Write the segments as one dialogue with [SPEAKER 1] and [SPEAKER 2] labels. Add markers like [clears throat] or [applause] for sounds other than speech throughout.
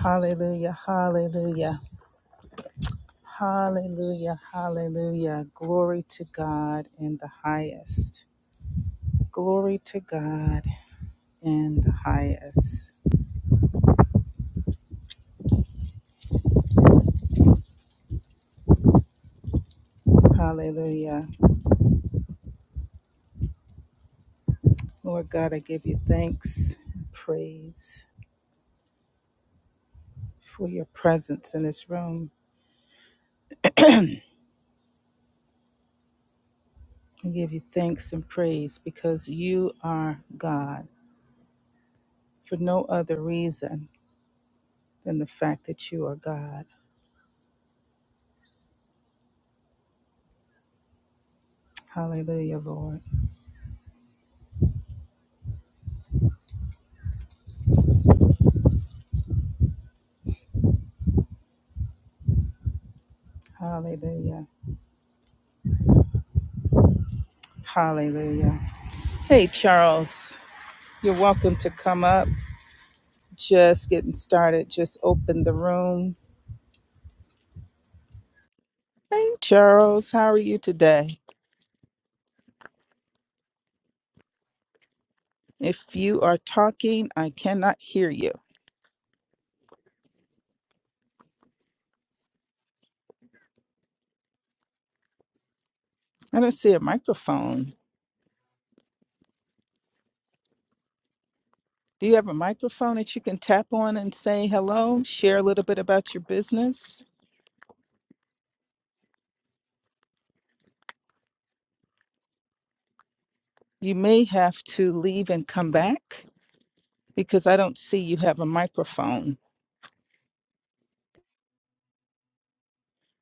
[SPEAKER 1] Hallelujah, hallelujah, hallelujah, hallelujah. Glory to God in the highest. Glory to God in the highest. Hallelujah. Lord God, I give you thanks and praise for your presence in this room. I give you thanks and praise because you are God for no other reason than the fact that you are God. Hallelujah, Lord. Hallelujah. Hallelujah. Hey, Charles. You're welcome to come up. Just getting started. Just open the room. Hey, Charles, how are you today? If you are talking, I cannot hear you. I don't see a microphone. Do you have a microphone that you can tap on and say hello? Share a little bit about your business? You may have to leave and come back because I don't see you have a microphone.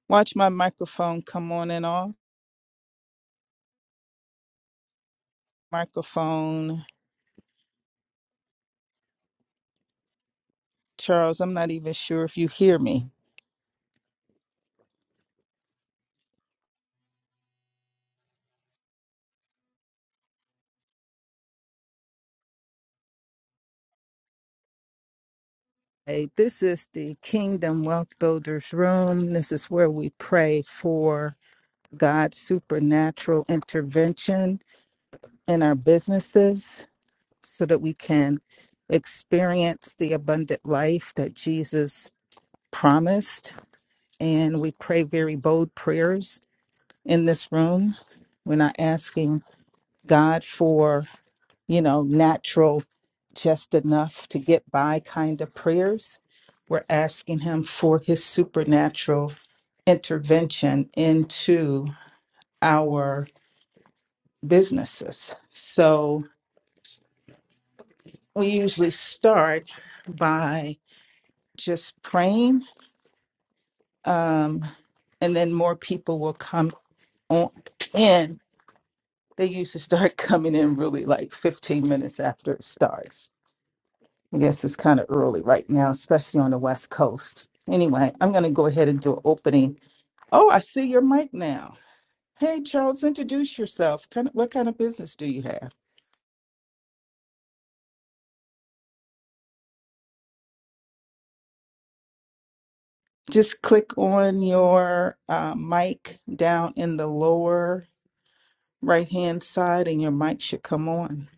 [SPEAKER 1] Watch my microphone come on and off. Microphone. Charles, I'm not even sure if you hear me. Hey, this is the Kingdom Wealth Builders Room. This is where we pray for God's supernatural intervention in our businesses so that we can experience the abundant life that Jesus promised. And we pray very bold prayers in this room. We're not asking God for you know, natural, just enough to get by kind of prayers. We're asking Him for His supernatural intervention into our businesses. So we usually start by just praying, um, and then more people will come on in. They usually start [laughs] coming in really like 15 minutes after it starts I guess it's kind of early right now, especially on the West Coast. Anyway, I'm going to go ahead and do an opening. Oh, I see your mic now. Hey, Charles, introduce yourself. Kind of, what kind of business do you have? Just click on your uh, mic down in the lower right hand side, and your mic should come on.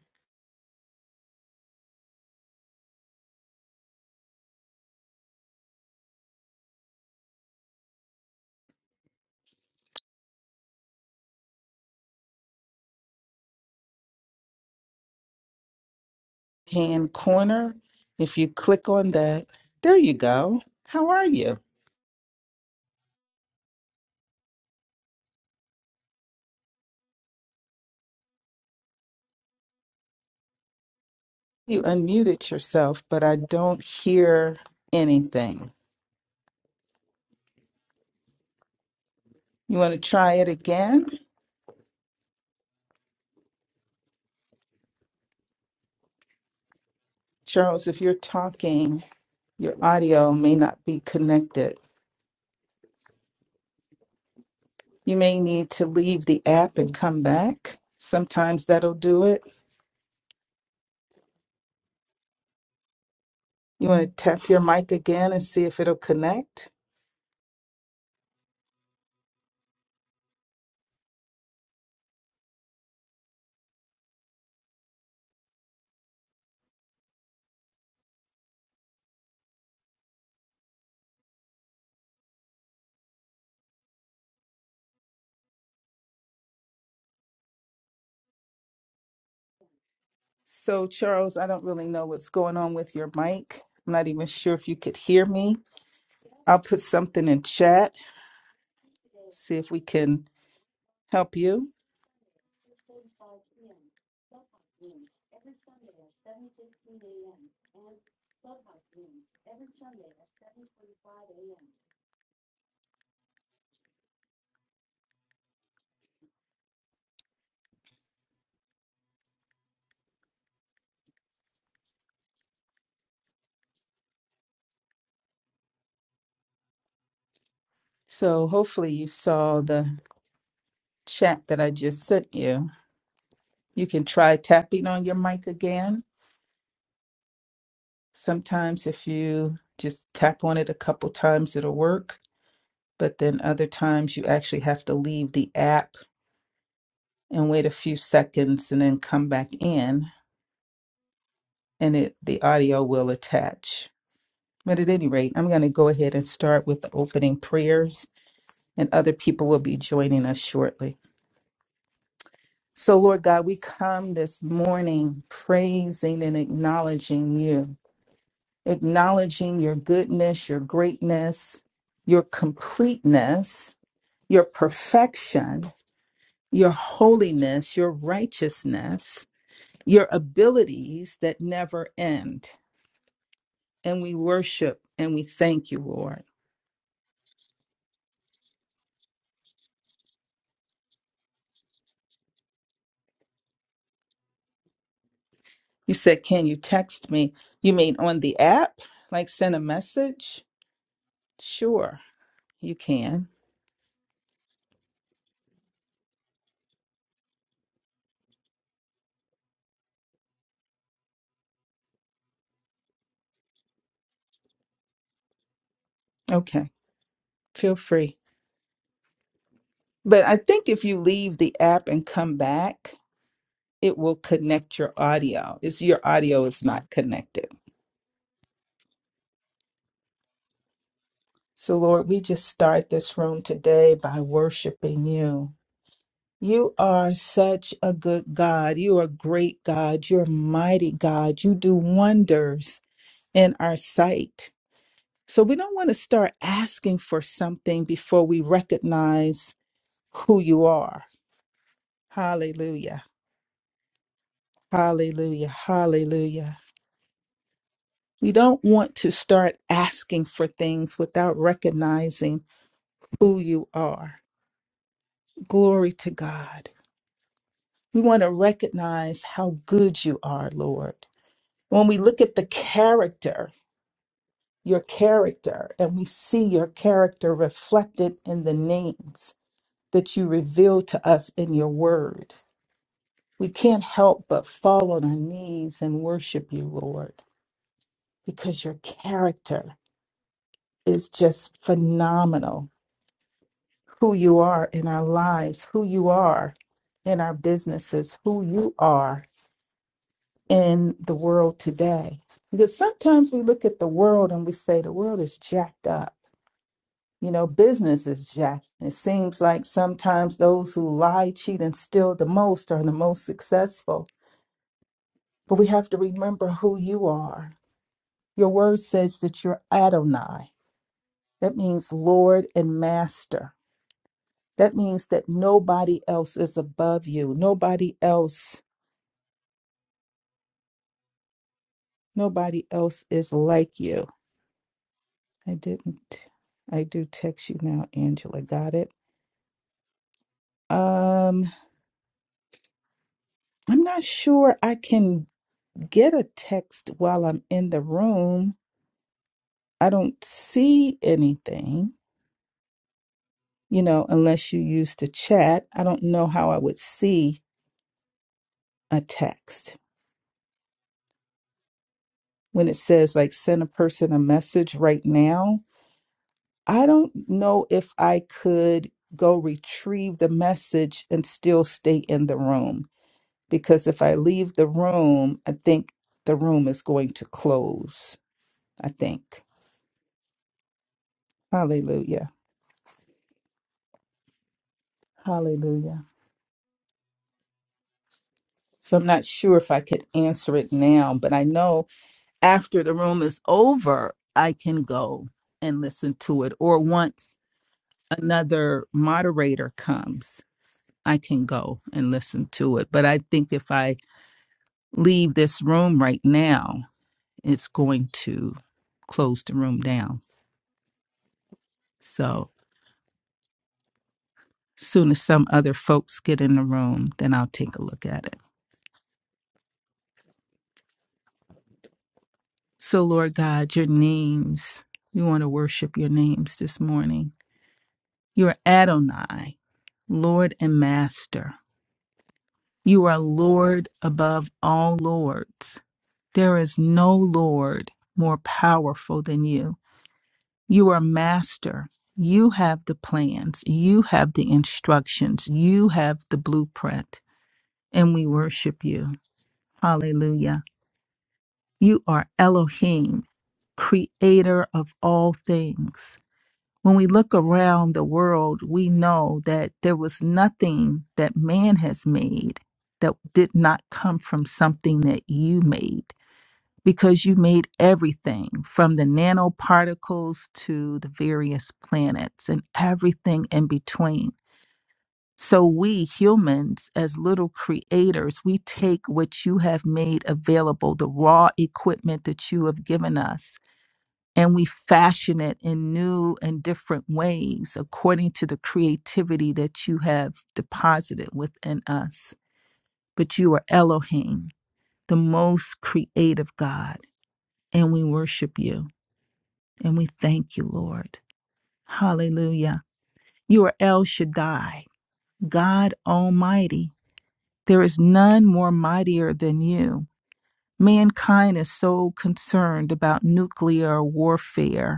[SPEAKER 1] Hand corner. If you click on that, there you go. How are you? You unmuted yourself, but I don't hear anything. You want to try it again? Charles, if you're talking, your audio may not be connected. You may need to leave the app and come back. Sometimes that'll do it. You want to tap your mic again and see if it'll connect? So, Charles, I don't really know what's going on with your mic. I'm not even sure if you could hear me. I'll put something in chat, see if we can help you. So, hopefully, you saw the chat that I just sent you. You can try tapping on your mic again Sometimes, if you just tap on it a couple times, it'll work. But then other times, you actually have to leave the app and wait a few seconds and then come back in, and it the audio will attach. But at any rate, I'm going to go ahead and start with the opening prayers, and other people will be joining us shortly. So, Lord God, we come this morning praising and acknowledging you, acknowledging your goodness, your greatness, your completeness your perfection, your holiness, your righteousness, your abilities that never end. And we worship and we thank you, Lord. You said, Can you text me? You mean on the app? Like send a message? Sure, you can. Okay, feel free. But I think if you leave the app and come back, it will connect your audio. It's your audio is not connected. So, Lord, we just start this room today by worshiping you You are such a good God. You are a great God. You're a mighty God. You do wonders in our sight. So we don't want to start asking for something before we recognize who you are. Hallelujah. Hallelujah. Hallelujah. We don't want to start asking for things without recognizing who you are. Glory to God. We want to recognize how good you are, Lord. When we look at the character your character, and we see your character reflected in the names that you reveal to us in your word. We can't help but fall on our knees and worship you, Lord, because your character is just phenomenal. Who you are in our lives, who you are in our businesses, who you are in the world today. Because sometimes we look at the world and we say, the world is jacked up you know, businesses, Jack. It seems like sometimes those who lie, cheat, and steal the most are the most successful. But we have to remember who you are. Your word says that you're Adonai. That means Lord and Master. That means that nobody else is above you. Nobody else, nobody else is like you. I didn't, I do text you now, Angela. Got it. Um, I'm not sure I can get a text while I'm in the room. I don't see anything, you know, unless you use the chat. I don't know how I would see a text. When it says, like, send a person a message right now, I don't know if I could go retrieve the message and still stay in the room. Because if I leave the room, I think the room is going to close. I think. Hallelujah. Hallelujah. So I'm not sure if I could answer it now, but I know after the room is over, I can go and listen to it. Or once another moderator comes, I can go and listen to it. But I think if I leave this room right now, it's going to close the room down. So soon as some other folks get in the room, then I'll take a look at it. So, Lord God, your names, we want to worship your names this morning. You're Adonai, Lord and Master. You are Lord above all lords. There is no Lord more powerful than you. You are Master. You have the plans. You have the instructions. You have the blueprint. And we worship you. Hallelujah. You are Elohim, creator of all things. When we look around the world, we know that there was nothing that man has made that did not come from something that you made, because you made everything from the nanoparticles to the various planets and everything in between. So, we humans, as little creators, we take what you have made available, the raw equipment that you have given us, and we fashion it in new and different ways according to the creativity that you have deposited within us. But you are Elohim, the most creative God, and we worship you and we thank you, Lord. Hallelujah. You are El Shaddai, God Almighty. There is none more mightier than you. Mankind is so concerned about nuclear warfare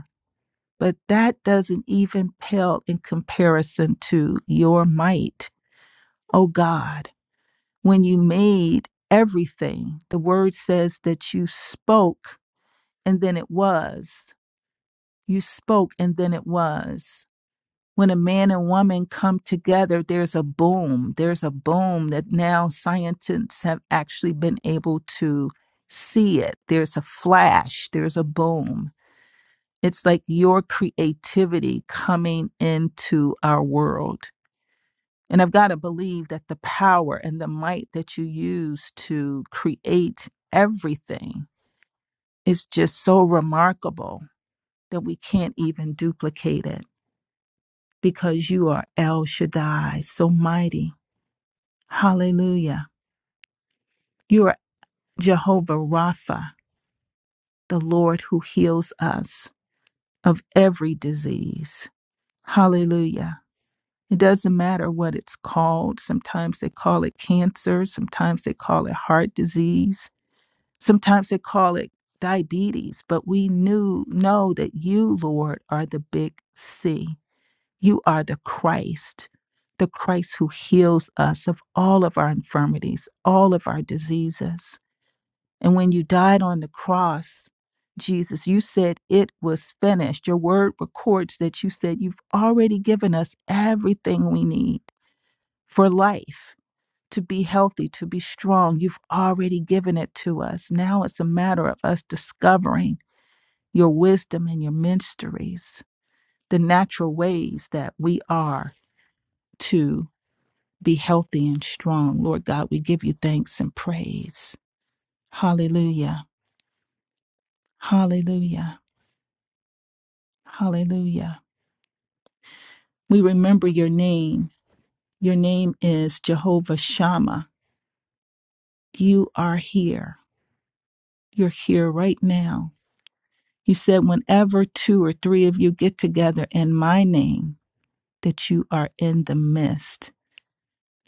[SPEAKER 1] but that doesn't even pale in comparison to your might. Oh God, when you made everything, the word says that you spoke and then it was. You spoke and then it was. When a man and woman come together, there's a boom. There's a boom that now scientists have actually been able to see it. There's a flash, there's a boom It's like your creativity coming into our world. And I've got to believe that the power and the might that you use to create everything is just so remarkable that we can't even duplicate it because you are El Shaddai, so mighty. Hallelujah. You are Jehovah Rapha, the Lord who heals us of every disease. Hallelujah. It doesn't matter what it's called. Sometimes they call it cancer, sometimes they call it heart disease, sometimes they call it diabetes, but we knew know that you, Lord, are the big C. You are the Christ, the Christ who heals us of all of our infirmities, all of our diseases. And when you died on the cross, Jesus, you said it was finished. Your word records that you said you've already given us everything we need for life, to be healthy, to be strong. You've already given it to us. Now it's a matter of us discovering your wisdom and your mysteries, the natural ways that we are to be healthy and strong. Lord God, we give you thanks and praise. Hallelujah. Hallelujah. Hallelujah. We remember your name. Your name is Jehovah Shammah. You are here. You're here right now You said, whenever two or three of you get together in my name, that you are in the midst.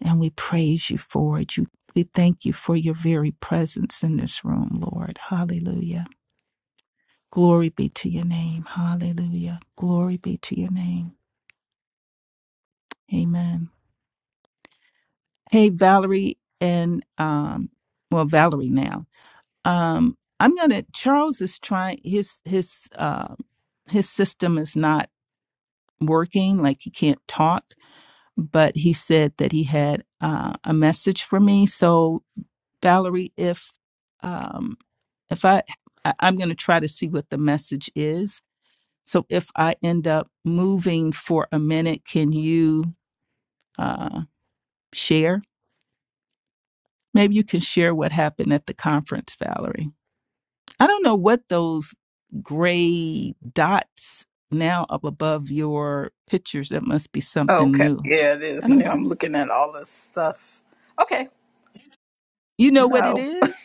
[SPEAKER 1] And we praise you for it. You, we thank you for your very presence in this room, Lord. Hallelujah. Glory be to your name. Hallelujah. Glory be to your name. Amen. Hey, Valerie and, um, well, Valerie now. Um, I'm going to, Charles is trying, his, his, uh, his system is not working, like he can't talk. but he said that he had uh, a message for me. So, Valerie, if um, if I, I I'm going to try to see what the message is. So, if I end up moving for a minute, can you uh, share? Maybe you can share what happened at the conference, Valerie. I don't know what those gray dots now up above your pictures. That must be something
[SPEAKER 2] Okay.
[SPEAKER 1] new.
[SPEAKER 2] Yeah, it is
[SPEAKER 1] I don't
[SPEAKER 2] new.
[SPEAKER 1] know.
[SPEAKER 2] I'm looking at all this stuff. Okay.
[SPEAKER 1] You know what it
[SPEAKER 2] No.
[SPEAKER 1] is?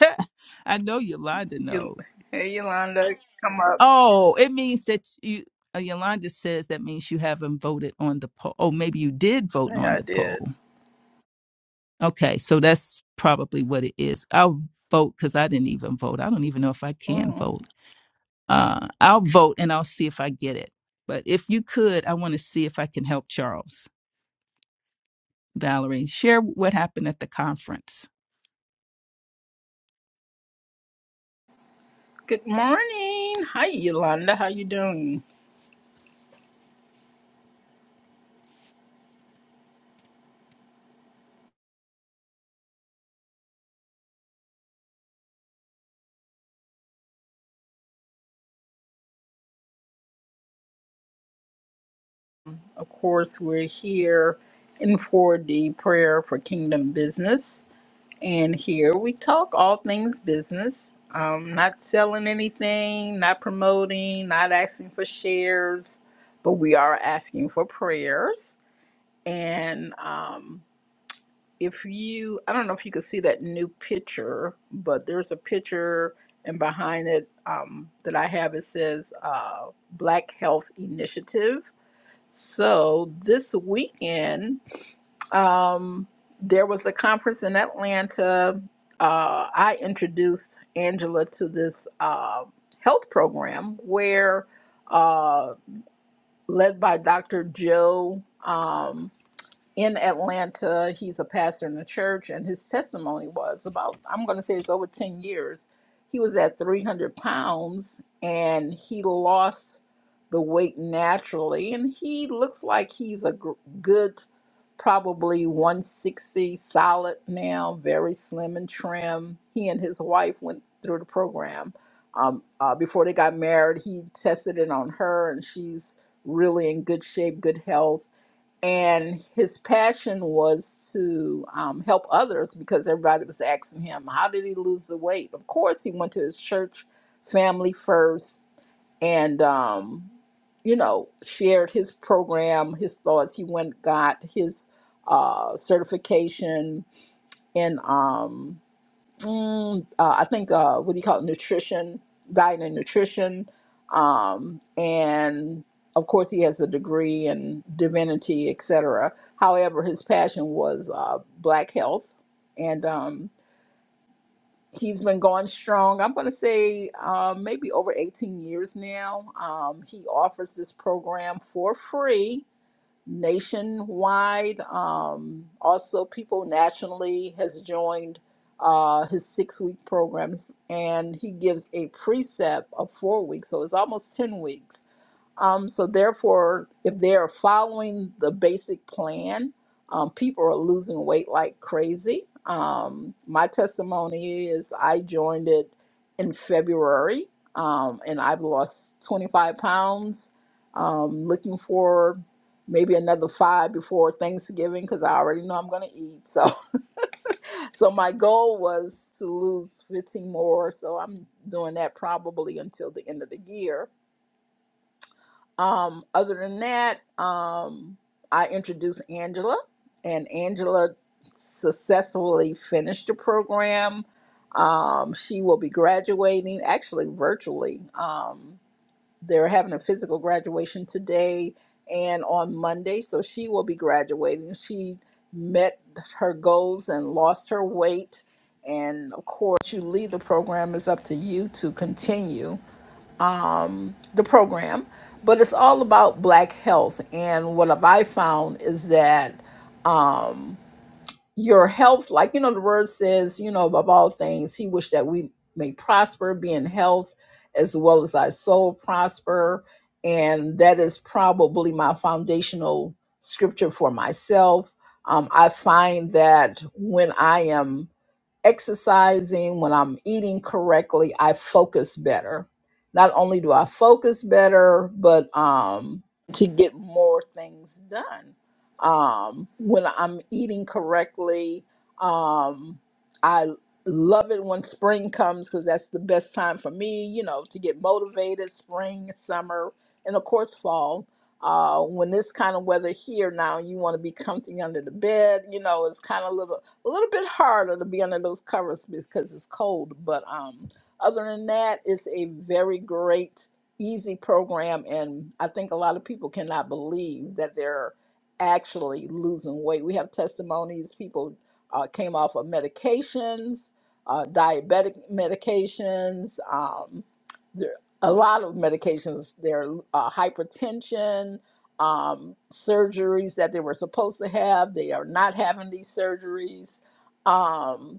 [SPEAKER 1] [laughs] I know Yolanda
[SPEAKER 2] You,
[SPEAKER 1] knows.
[SPEAKER 2] hey, Yolanda, come up.
[SPEAKER 1] Oh, it means that you. Uh, Yolanda says that means you haven't voted on the poll. Oh, maybe you did vote
[SPEAKER 2] Yeah,
[SPEAKER 1] on
[SPEAKER 2] I
[SPEAKER 1] the
[SPEAKER 2] did.
[SPEAKER 1] poll. Okay, so that's probably what it is. I'll vote because I didn't even vote. I don't even know if I can
[SPEAKER 2] Mm.
[SPEAKER 1] vote. Uh, I'll vote and I'll see if I get it. But if you could, I want to see if I can help Charles. Valerie. Share what happened at the conference.
[SPEAKER 2] Good morning. Hi, Yolanda. How you doing? Of course, we're here in 4D prayer for kingdom business. And here we talk all things business. Um, not selling anything, not promoting, not asking for shares, but we are asking for prayers and um, if you i don't know if you can see that new picture but there's a picture and behind it um, that i have it says uh, black health initiative so this weekend um, there was a conference in atlanta uh, i introduced angela to this uh, health program where uh, led by dr joe um, in Atlanta. He's a pastor in a church, and his testimony was about, I'm going to say it's over 10 years. He was at 300 pounds and he lost the weight naturally. And he looks like he's a gr- good, probably 160 solid now, very slim and trim. He and his wife went through the program. Um, uh, before they got married, he tested it on her, and she's really in good shape, good health and his passion was to um, help others because everybody was asking him how did he lose the weight of course he went to his church family first and um, you know shared his program his thoughts he went got his uh, certification in um, mm, uh, I think uh, what do you call it? Nutrition, diet and nutrition, um, and of course he has a degree in divinity, etc. However, his passion was uh, black health, and um, he's been going strong. I'm going to say um, maybe over 18 years now. Um, he offers this program for free nationwide. Um, also, people nationally has joined uh, his six week programs, and he gives a precept of four weeks, so it's almost ten weeks um, so therefore, if they are following the basic plan, um, people are losing weight like crazy. Um, my testimony is I joined it in February, um, and I've lost 25 pounds. Um, looking for maybe another five before Thanksgiving because I already know I'm going to eat. So, [laughs] so my goal was to lose 15 more. So I'm doing that probably until the end of the year um, other than that, um, I introduced Angela, and Angela successfully finished the program. Um, she will be graduating actually virtually. Um, they're having a physical graduation today and on Monday, so she will be graduating. She met her goals and lost her weight. And of course, you leave the program, it's up to you to continue um, the program, but it's all about Black health. And what have I found is that um, your health, like you know, the word says, you know, above all things, He wished that we may prosper, be in health, as well as our soul prosper. And that is probably my foundational scripture for myself. Um, I find that when I am exercising, when I'm eating correctly, I focus better. Not only do I focus better, but um, to get more things done. Um, when I'm eating correctly, um, I love it when spring comes because that's the best time for me, you know, to get motivated. Spring, summer, and of course, fall. Uh, when this kind of weather here now, you want to be comfy under the bed. You know, it's kind of little a little bit harder to be under those covers because it's cold. But um, other than that, it's a very great, easy program, and I think a lot of people cannot believe that they're actually losing weight. We have testimonies. People uh, came off of medications, uh, diabetic medications. Um, there, a lot of medications. They're uh, hypertension um, surgeries that they were supposed to have. They are not having these surgeries. Um,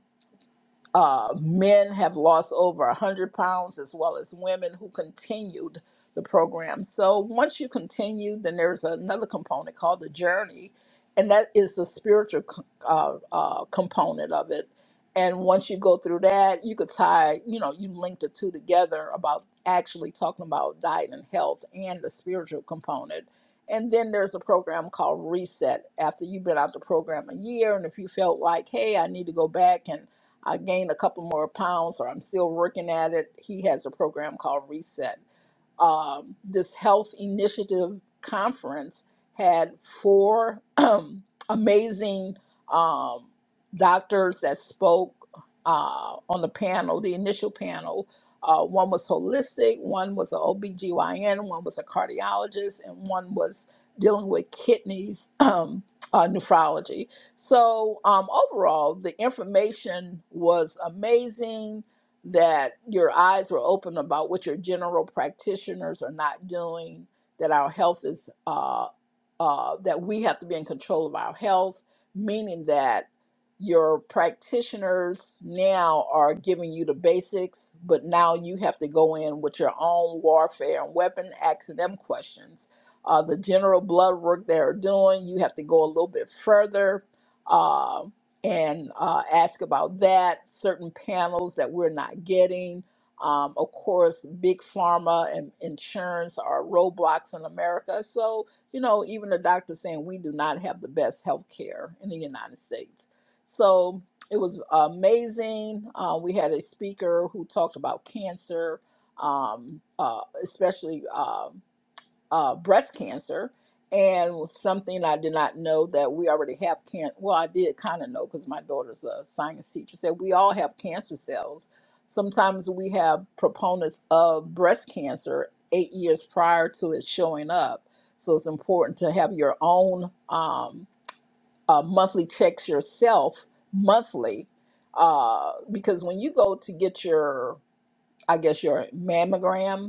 [SPEAKER 2] uh, men have lost over 100 pounds, as well as women who continued the program. So once you continue, then there's another component called the journey, and that is the spiritual co- uh, uh, component of it. And once you go through that, you could tie, you know, you link the two together about actually talking about diet and health and the spiritual component. And then there's a program called Reset. After you've been out the program a year, and if you felt like, hey, I need to go back and I gained a couple more pounds, or I'm still working at it. He has a program called Reset um, this health initiative conference had four [clears throat] amazing um, doctors that spoke uh, on the panel, the initial panel. Uh, one was holistic, one was an OBGYN, one was a cardiologist, and one was dealing with kidneys, [clears throat] um, uh, nephrology. So, um, overall, the information was amazing that your eyes were open about what your general practitioners are not doing, that our health is, uh, uh, that we have to be in control of our health, meaning that your practitioners now are giving you the basics, but now you have to go in with your own warfare and weapon, asking them questions. Uh, the general blood work they're doing, you have to go a little bit further uh, and uh, ask about that, certain panels that we're not getting. Um, of course, big pharma and insurance are roadblocks in America. So, you know, even the doctor saying we do not have the best health care in the United States. So it was amazing. Uh, we had a speaker who talked about cancer, um, uh, especially. Um, uh, breast cancer and something I did not know that we already have can well I did kind of know because my daughter's a science teacher said we all have cancer cells. Sometimes we have proponents of breast cancer eight years prior to it showing up. So it's important to have your own um, uh, monthly checks yourself monthly uh, because when you go to get your I guess your mammogram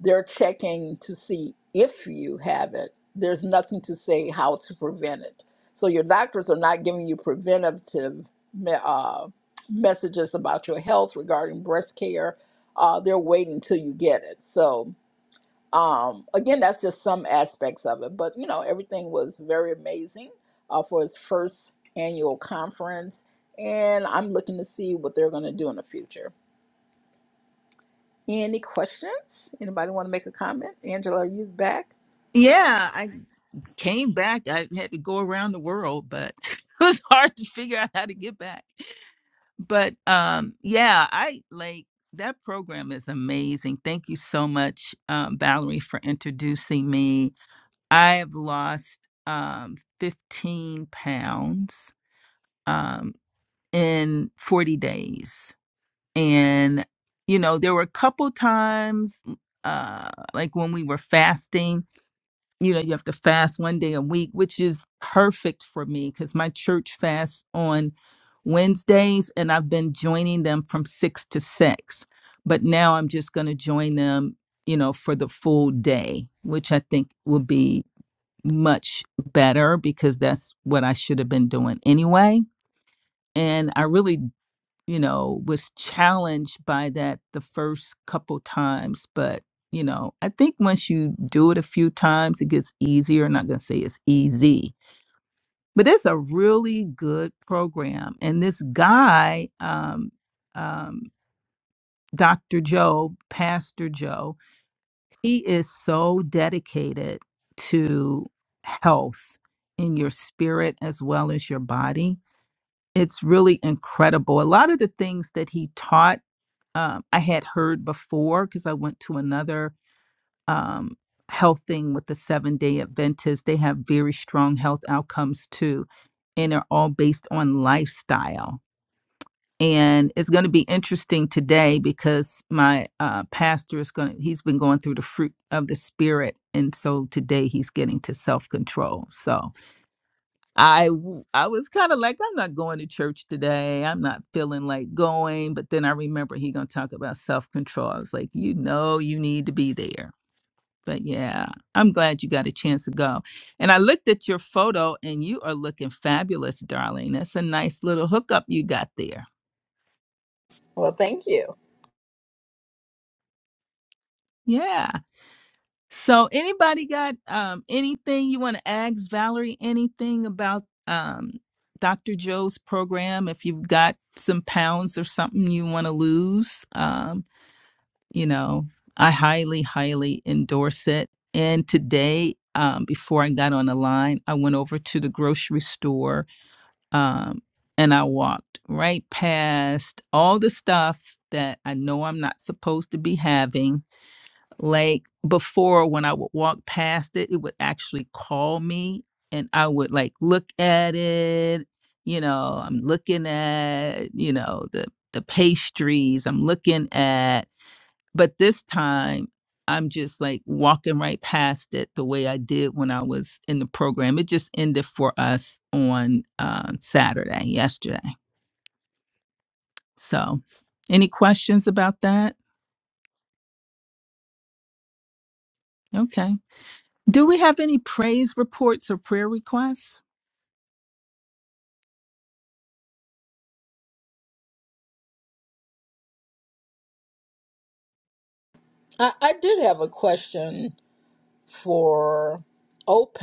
[SPEAKER 2] they're checking to see if you have it. There's nothing to say how to prevent it. So your doctors are not giving you preventative me- uh, messages about your health regarding breast care. Uh, they're waiting till you get it. So um, again, that's just some aspects of it. But you know, everything was very amazing uh, for his first annual conference, and I'm looking to see what they're going to do in the future. Any questions? Anybody want to make a comment? Angela, are you back?
[SPEAKER 1] Yeah, I came back. I had to go around the world, but [laughs] it was hard to figure out how to get back. but um yeah i like that program is amazing thank you so much um, valerie for introducing me i have lost um 15 pounds um in 40 days and you know there were a couple times uh like when we were fasting you know you have to fast one day a week which is perfect for me because my church fasts on wednesdays and i've been joining them from six to six but now i'm just going to join them you know for the full day which i think will be much better because that's what i should have been doing anyway and i really you know, was challenged by that the first couple times. But, you know, I think once you do it a few times, it gets easier. I'm not going to say it's easy, but it's a really good program. And this guy, um, um, Dr. Joe, Pastor Joe, he is so dedicated to health in your spirit as well as your body. It's really incredible. A lot of the things that he taught um, I had heard before because I went to another um, health thing with the seven day Adventists. They have very strong health outcomes too, and they're all based on lifestyle. And it's going to be interesting today because my uh, pastor is going to, he's been going through the fruit of the spirit. And so today he's getting to self control. So, I w- I was kind of like I'm not going to church today. I'm not feeling like going, but then I remember he going to talk about self-control. I was like, "You know, you need to be there." But yeah, I'm glad you got a chance to go. And I looked at your photo and you are looking fabulous, darling. That's a nice little hookup you got there.
[SPEAKER 2] Well, thank you.
[SPEAKER 1] Yeah. So, anybody got um, anything you want to ask Valerie? Anything about um, Dr. Joe's program? If you've got some pounds or something you want to lose, um, you know, I highly, highly endorse it. And today, um, before I got on the line, I went over to the grocery store um, and I walked right past all the stuff that I know I'm not supposed to be having like before, when I would walk past it, it would actually call me and I would like look at it. You know, I'm looking at, you know, the the pastries I'm looking at. But this time I'm just like walking right past it the way I did when I was in the program. It just ended for us on um, Saturday, yesterday. So, any questions about that? Okay. Do we have any praise reports or prayer requests?
[SPEAKER 2] I, I did have a question for Ope,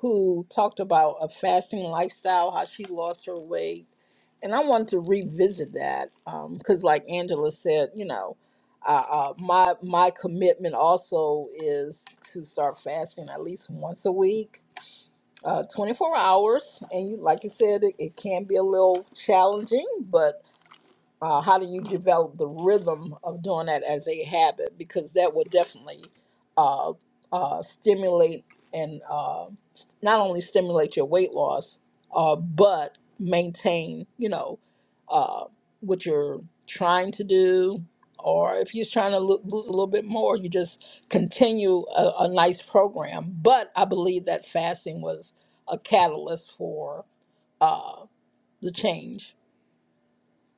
[SPEAKER 2] who talked about a fasting lifestyle, how she lost her weight. And I wanted to revisit that because, like Angela said, you know, uh, uh, my my commitment also is to start fasting at least once a week, uh, 24 hours. And you, like you said, it, it can be a little challenging, but uh, how do you develop the rhythm of doing that as a habit because that will definitely uh, uh, stimulate and uh, s- not only stimulate your weight loss uh, but maintain you know uh, what you're trying to do or if you're trying to lo- lose a little bit more you just continue a, a nice program but i believe that fasting was a catalyst for the change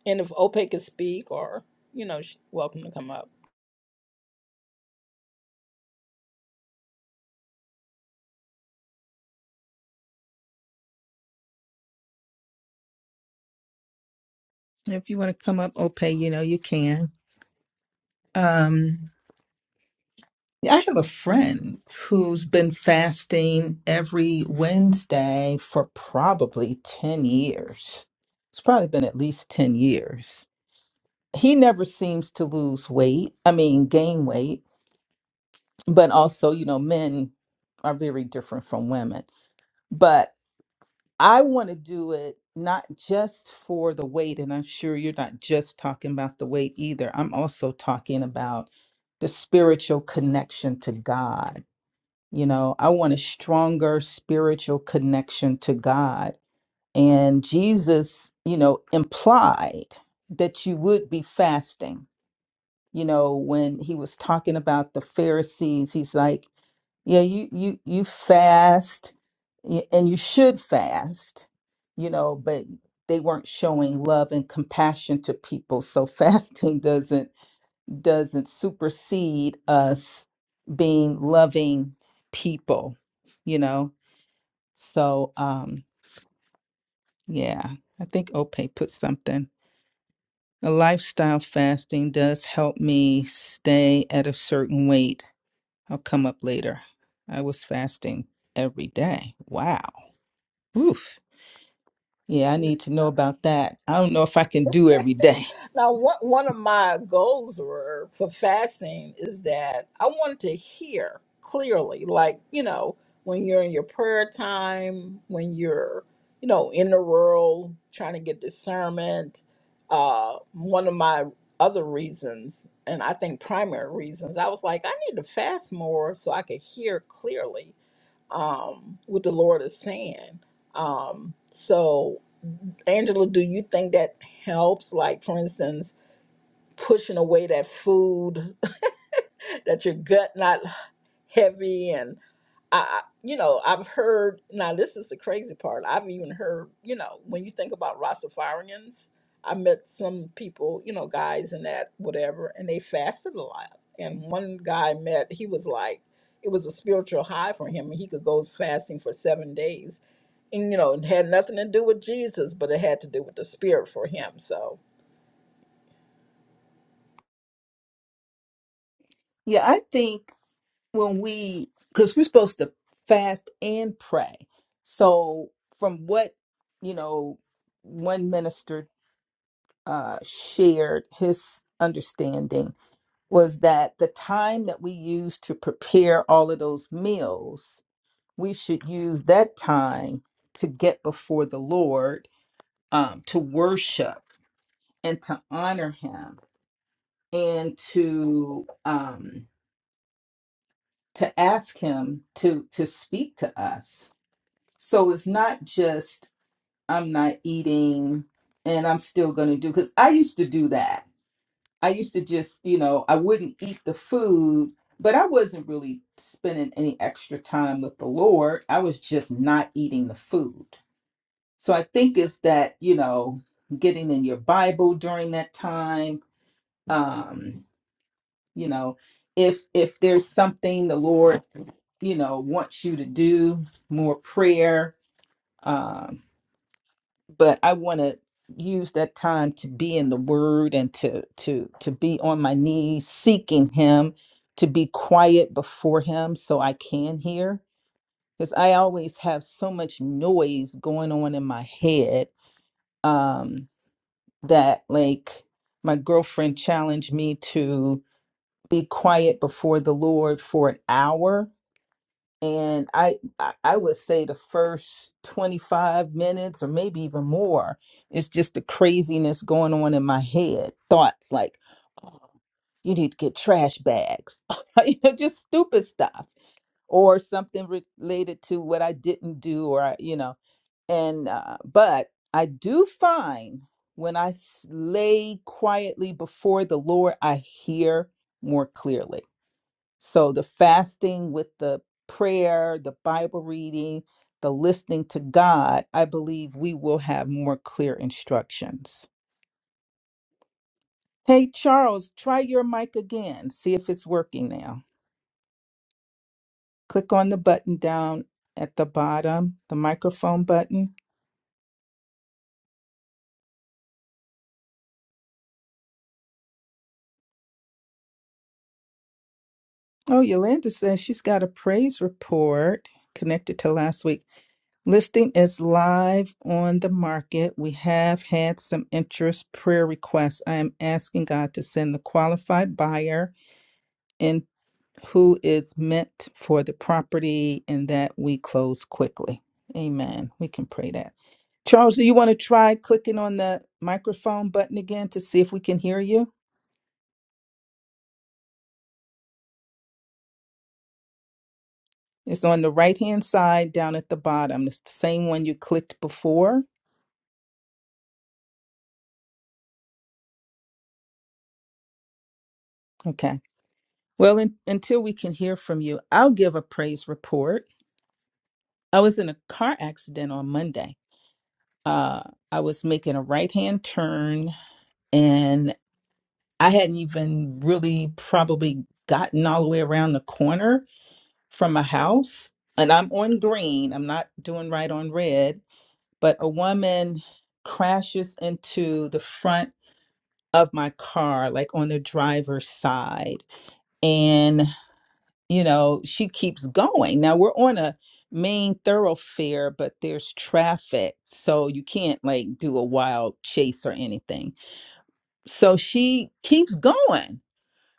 [SPEAKER 2] and if OPEC can speak, or you know, she's welcome to come up.
[SPEAKER 1] And If you want to come up, Ope, you know you can. Um, I have a friend who's been fasting every Wednesday for probably 10 years. It's probably been at least 10 years. He never seems to lose weight, I mean, gain weight, but also, you know, men are very different from women. But I want to do it not just for the weight, and I'm sure you're not just talking about the weight either. I'm also talking about the spiritual connection to God. You know, I want a stronger spiritual connection to God. And Jesus, you know, implied that you would be fasting you know, when he was talking about the Pharisees, he's like, yeah, you you you fast y- and you should fast, you know, but they weren't showing love and compassion to people. So [laughs] fasting doesn't doesn't supersede us being loving people, you know. So um yeah, I think Ope put something. A lifestyle fasting does help me stay at a certain weight I'll come up later. I was fasting every day. Wow. Oof. Yeah, I need to know about that. I don't know if I can do every day.
[SPEAKER 2] Now, one one of my goals were for fasting is that I wanted to hear clearly, like you know, when you're in your prayer time, when you're you know in the world trying to get discernment. Uh, one of my other reasons, and I think primary reasons, I was like, I need to fast more so I could hear clearly um, what the Lord is saying. Um, so, Angela, do you think that helps? Like, for instance, pushing away that food [laughs] that your gut not heavy and I, I- you know, I've heard, now this is the crazy part. I've even heard, you know, when you think about Rastafarians, I met some people, you know, guys and that, whatever, and they fasted a lot. And one guy I met, he was like, it was a spiritual high for him, and he could go fasting for seven days. And, you know, it had nothing to do with Jesus, but it had to do with the spirit for him. So,
[SPEAKER 1] Yeah, I think when we, because we're supposed to fast and pray. So, from what, you know, one minister uh, shared, his understanding was that the time that we use to prepare all of those meals, we should use that time to get before the Lord, um, to worship and to honor Him and to, um, to ask him to to speak to us so it's not just i'm not eating and i'm still going to do because i used to do that i used to just you know i wouldn't eat the food but i wasn't really spending any extra time with the lord i was just not eating the food so i think it's that you know getting in your bible during that time um you know if if there's something the lord you know, wants you to do more prayer. Um, but I want to use that time to be in the Word and to to to be on my knees seeking Him, to be quiet before Him so I can hear. Because I always have so much noise going on in my head um, that, like, my girlfriend challenged me to be quiet before the Lord for an hour and I I I would say the first 25 minutes or maybe even more it's just the craziness going on in my head thoughts like oh you need to get trash bags [laughs] you know just stupid stuff or something re- related to what I didn't do or I, you know and uh, but I do find when I s- lay quietly before the Lord I hear more clearly so the fasting with the prayer, the Bible reading, the listening to God, I believe we will have more clear instructions. Hey, Charles, try your mic again. See if it's working now. Click on the button down at the bottom, the microphone button. Oh, Yolanda says she's got a praise report connected to last week. Listing is live on the market. We have had some interest prayer requests. I am asking God to send the qualified buyer and who is meant for the property and that we close quickly. Amen. We can pray that. Charles, do you want to try clicking on the microphone button again to see if we can hear you? It's on the right hand side down at the bottom. It's the same one you clicked before. Okay. Well, un until we can hear from you, I'll give a praise report. I was in a car accident on Monday. Uh, I was making a right hand turn and I hadn't even really probably gotten all the way around the corner from a house. And I'm on green, I'm not doing right on red but a woman crashes into the front of my car, like on the driver's side. And, you know, she keeps going. Now we're on a main thoroughfare, but there's traffic. So you can't like do a wild chase or anything. So she keeps going.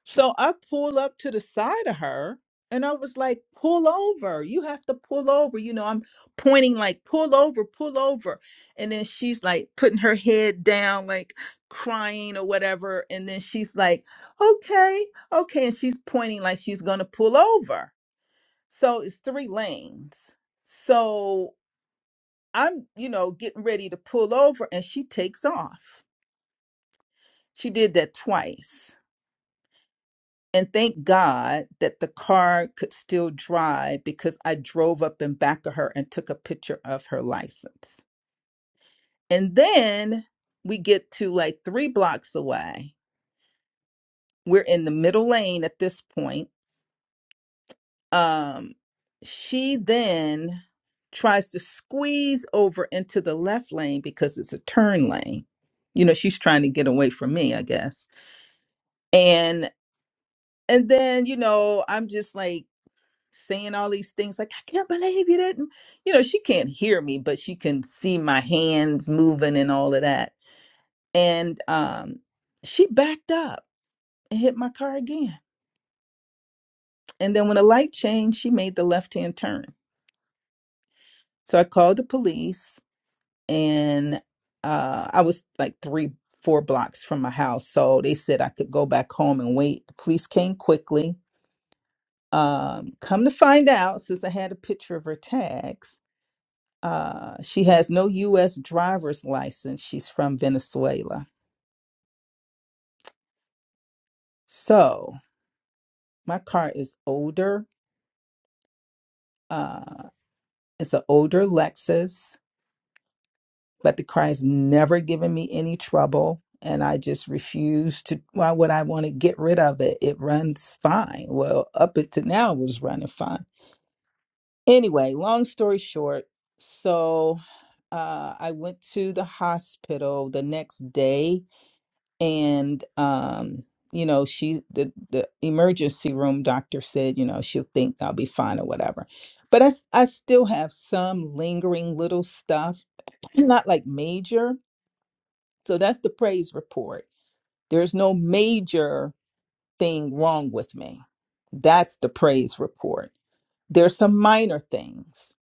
[SPEAKER 1] So I pull up to the side of her and I was like, pull over. You have to pull over. You know, I'm pointing like, pull over, pull over. And then she's like putting her head down, like crying or whatever. And then she's like, okay, okay. And she's pointing like she's going to pull over. So it's three lanes. So I'm, you know, getting ready to pull over and she takes off. She did that twice. And thank God that the car could still drive because I drove up in back of her and took a picture of her license. And then we get to like three blocks away. We're in the middle lane at this point. Um, she then tries to squeeze over into the left lane because it's a turn lane. You know, she's trying to get away from me, I guess. And and then, you know, I'm just like saying all these things like i can't believe you didn't you know she can't hear me but she can see my hands moving and all of that and um she backed up and hit my car again and then when the light changed she made the left hand turn so i called the police and uh i was like three four blocks from my house so they said i could go back home and wait the police came quickly um come to find out since i had a picture of her tags Uh, she has no U.S. driver's license. She's from Venezuela. So my car is older. Uh, it's an older Lexus, but the car has never given me any trouble. And I just refuse to. Why would I want to get rid of it? It runs fine. Well, up to now, it was running fine. Anyway, long story short, so uh, I went to the hospital the next day and um you know she the the emergency room doctor said you know she'll think i'll be fine or whatever but i s- i still have some lingering little stuff [clears throat] not like major so that's the praise report there's no major thing wrong with me that's the praise report there's some minor things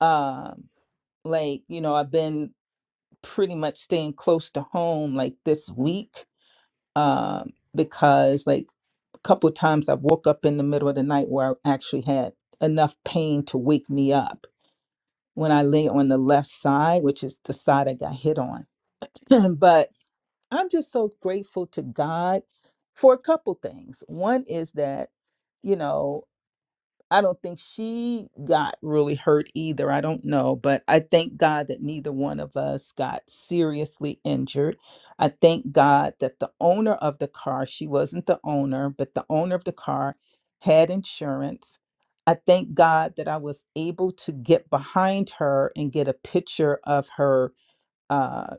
[SPEAKER 1] um like you know i've been pretty much staying close to home like this week um because like couple times I woke up in the middle of the night where I actually had enough pain to wake me up when I lay on the left side, which is the side I got hit on. [laughs] [clears throat] but I'm just so grateful to God for a couple things. One is that, you know, I don't think she got really hurt either. I don't know, but I thank God that neither one of us got seriously injured. I thank God that the owner of the car, she wasn't the owner, but the owner of the car had insurance. I thank God that I was able to get behind her and get a picture of her uh,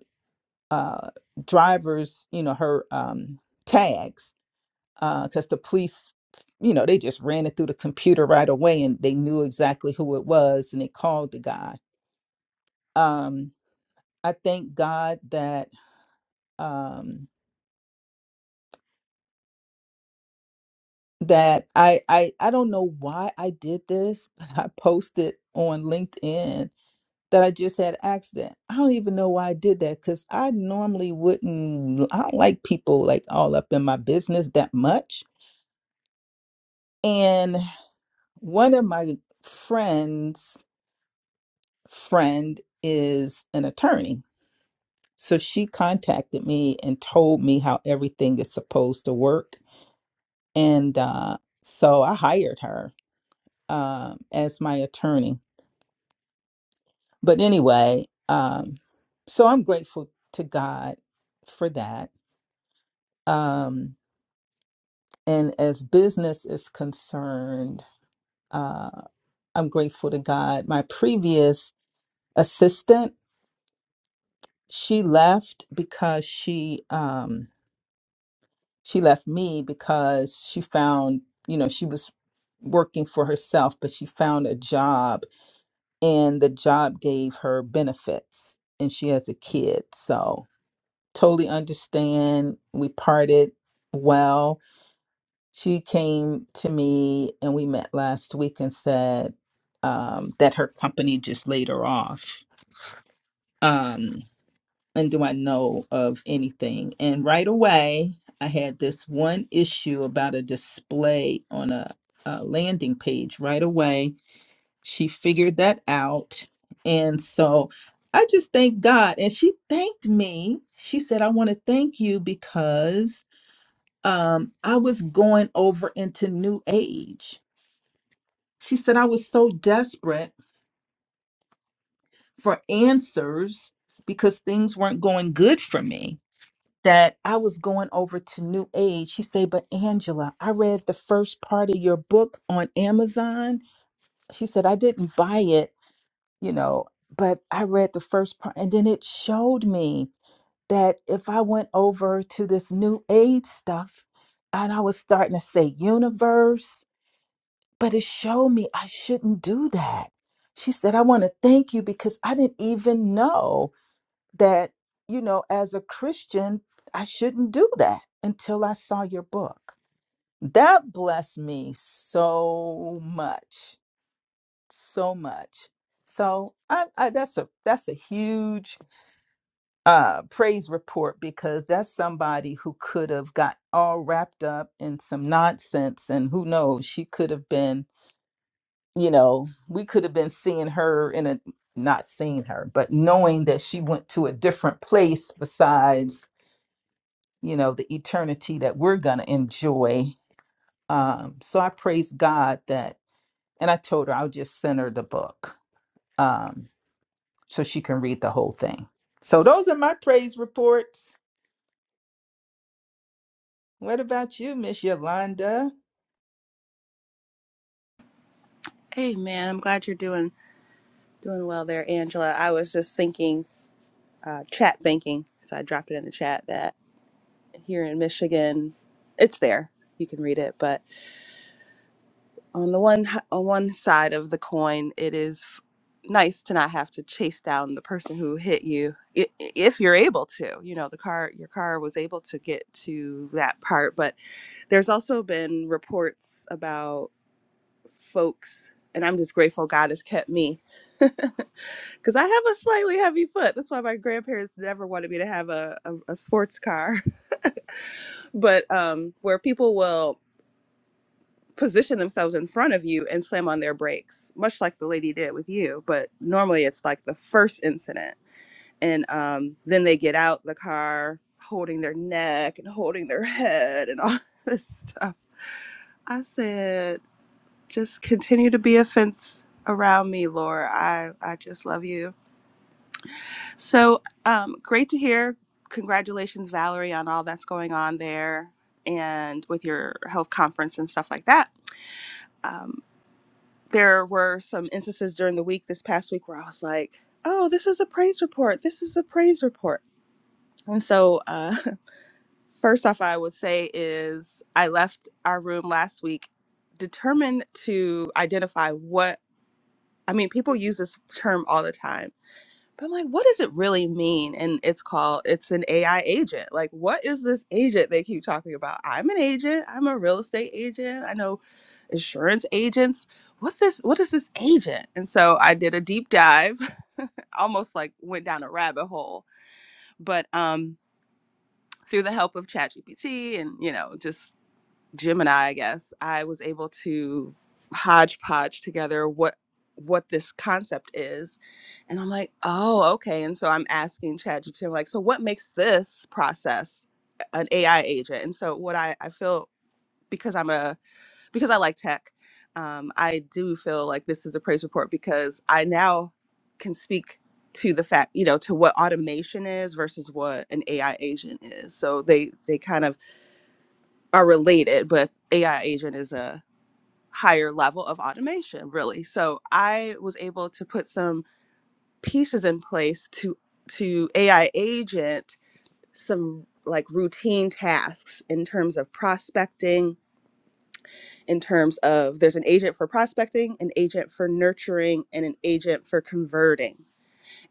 [SPEAKER 1] uh, driver's, you know, her um, tags because the police, you know, they just ran it through the computer right away and they knew exactly who it was and they called the guy. Um, I thank God that um, that I, I I don't know why I did this, [laughs] but I posted on LinkedIn that I just had an accident. I don't even know why I did that because I normally wouldn't. I don't like people like all up in my business that much. And one of my friends friend is an attorney. So she contacted me and told me how everything is supposed to work. And uh, so I hired her um, as my attorney. But anyway, um, so I'm grateful to God for that. Um, and as business is concerned, uh, I'm grateful to God. My previous assistant, she left because she, um, she left me because she found you know she was working for herself but she found a job and the job gave her benefits and she has a kid so totally understand we parted well she came to me and we met last week and said um, that her company just laid her off um, and do I know of anything? And right away, I had this one issue about a display on a, a landing page. Right away, she figured that out. And so I just thank God. And she thanked me. She said, I want to thank you because um, I was going over into new age. She said, I was so desperate for answers because things weren't going good for me. that I was going over to New Age. She said, But Angela, I read the first part of your book on Amazon. She said, I didn't buy it, you know, but I read the first part. And then it showed me that if I went over to this New Age stuff and I was starting to say universe, but it showed me I shouldn't do that. She said, I want to thank you because I didn't even know that, you know, as a Christian, I shouldn't do that until I saw your book. That blessed me so much, so much. So I, I that's a that's a huge uh, praise report because that's somebody who could have got all wrapped up in some nonsense, and who knows, she could have been, you know, we could have been seeing her in a not seeing her, but knowing that she went to a different place besides you know, the eternity that we're going to enjoy. Um, so I praise God that, and I told her I'll just send her the book um, so she can read the whole thing. So those are my praise reports. What about you, Miss Yolanda?
[SPEAKER 3] Hey man, I'm glad you're doing doing well there, Angela. I was just thinking, uh, chat thinking, so I dropped it in the chat that here in Michigan, it's there. You can read it, but on the one on one side of the coin, it is f- nice to not have to chase down the person who hit you i- i- if you're able to. You know, the car your car was able to get to that part, but there's also been reports about folks, and I'm just grateful God has kept me [laughs] Because I have a slightly heavy foot. That's why my grandparents never wanted me to have a, a, a sports car. [laughs] but um, where people will position themselves in front of you and slam on their brakes, much like the lady did with you. But normally it's like the first incident. And um, then they get out the car holding their neck and holding their head and all [laughs] this stuff. I said, just continue to be a fence around me, Laura. I, I just love you So um, great to hear. Congratulations, Valerie, on all that's going on there and with your health conference and stuff like that. Um, there were some instances during the week this past week where I was like, oh, this is a praise report. This is a praise report. And so, uh, [laughs] first off, I would say is I left our room last week determined to identify what I mean, people use this term all the time But I'm like, what does it really mean? And it's called, it's an AI agent. Like, what is this agent they keep talking about? I'm an agent. I'm a real estate agent. I know insurance agents. What this? What is this agent? And so I did a deep dive, [laughs] almost like went down a rabbit hole. But um, through the help of ChatGPT and you know just Gemini, I guess, I was able to hodgepodge together what what this concept is. And I'm like, oh, okay. And so I'm asking ChatGPT, I'm like, so what makes this process an AI agent? And so what I, I feel because I'm a because I like tech, um, I do feel like this is a praise report because I now can speak to the fact, you know, to what automation is versus what an AI agent is. So they they kind of are related, but AI agent is a higher level of automation, really. So I was able to put some pieces in place to to AI agent some like routine tasks in terms of prospecting, in terms of there's an agent for prospecting, an agent for nurturing, and an agent for converting.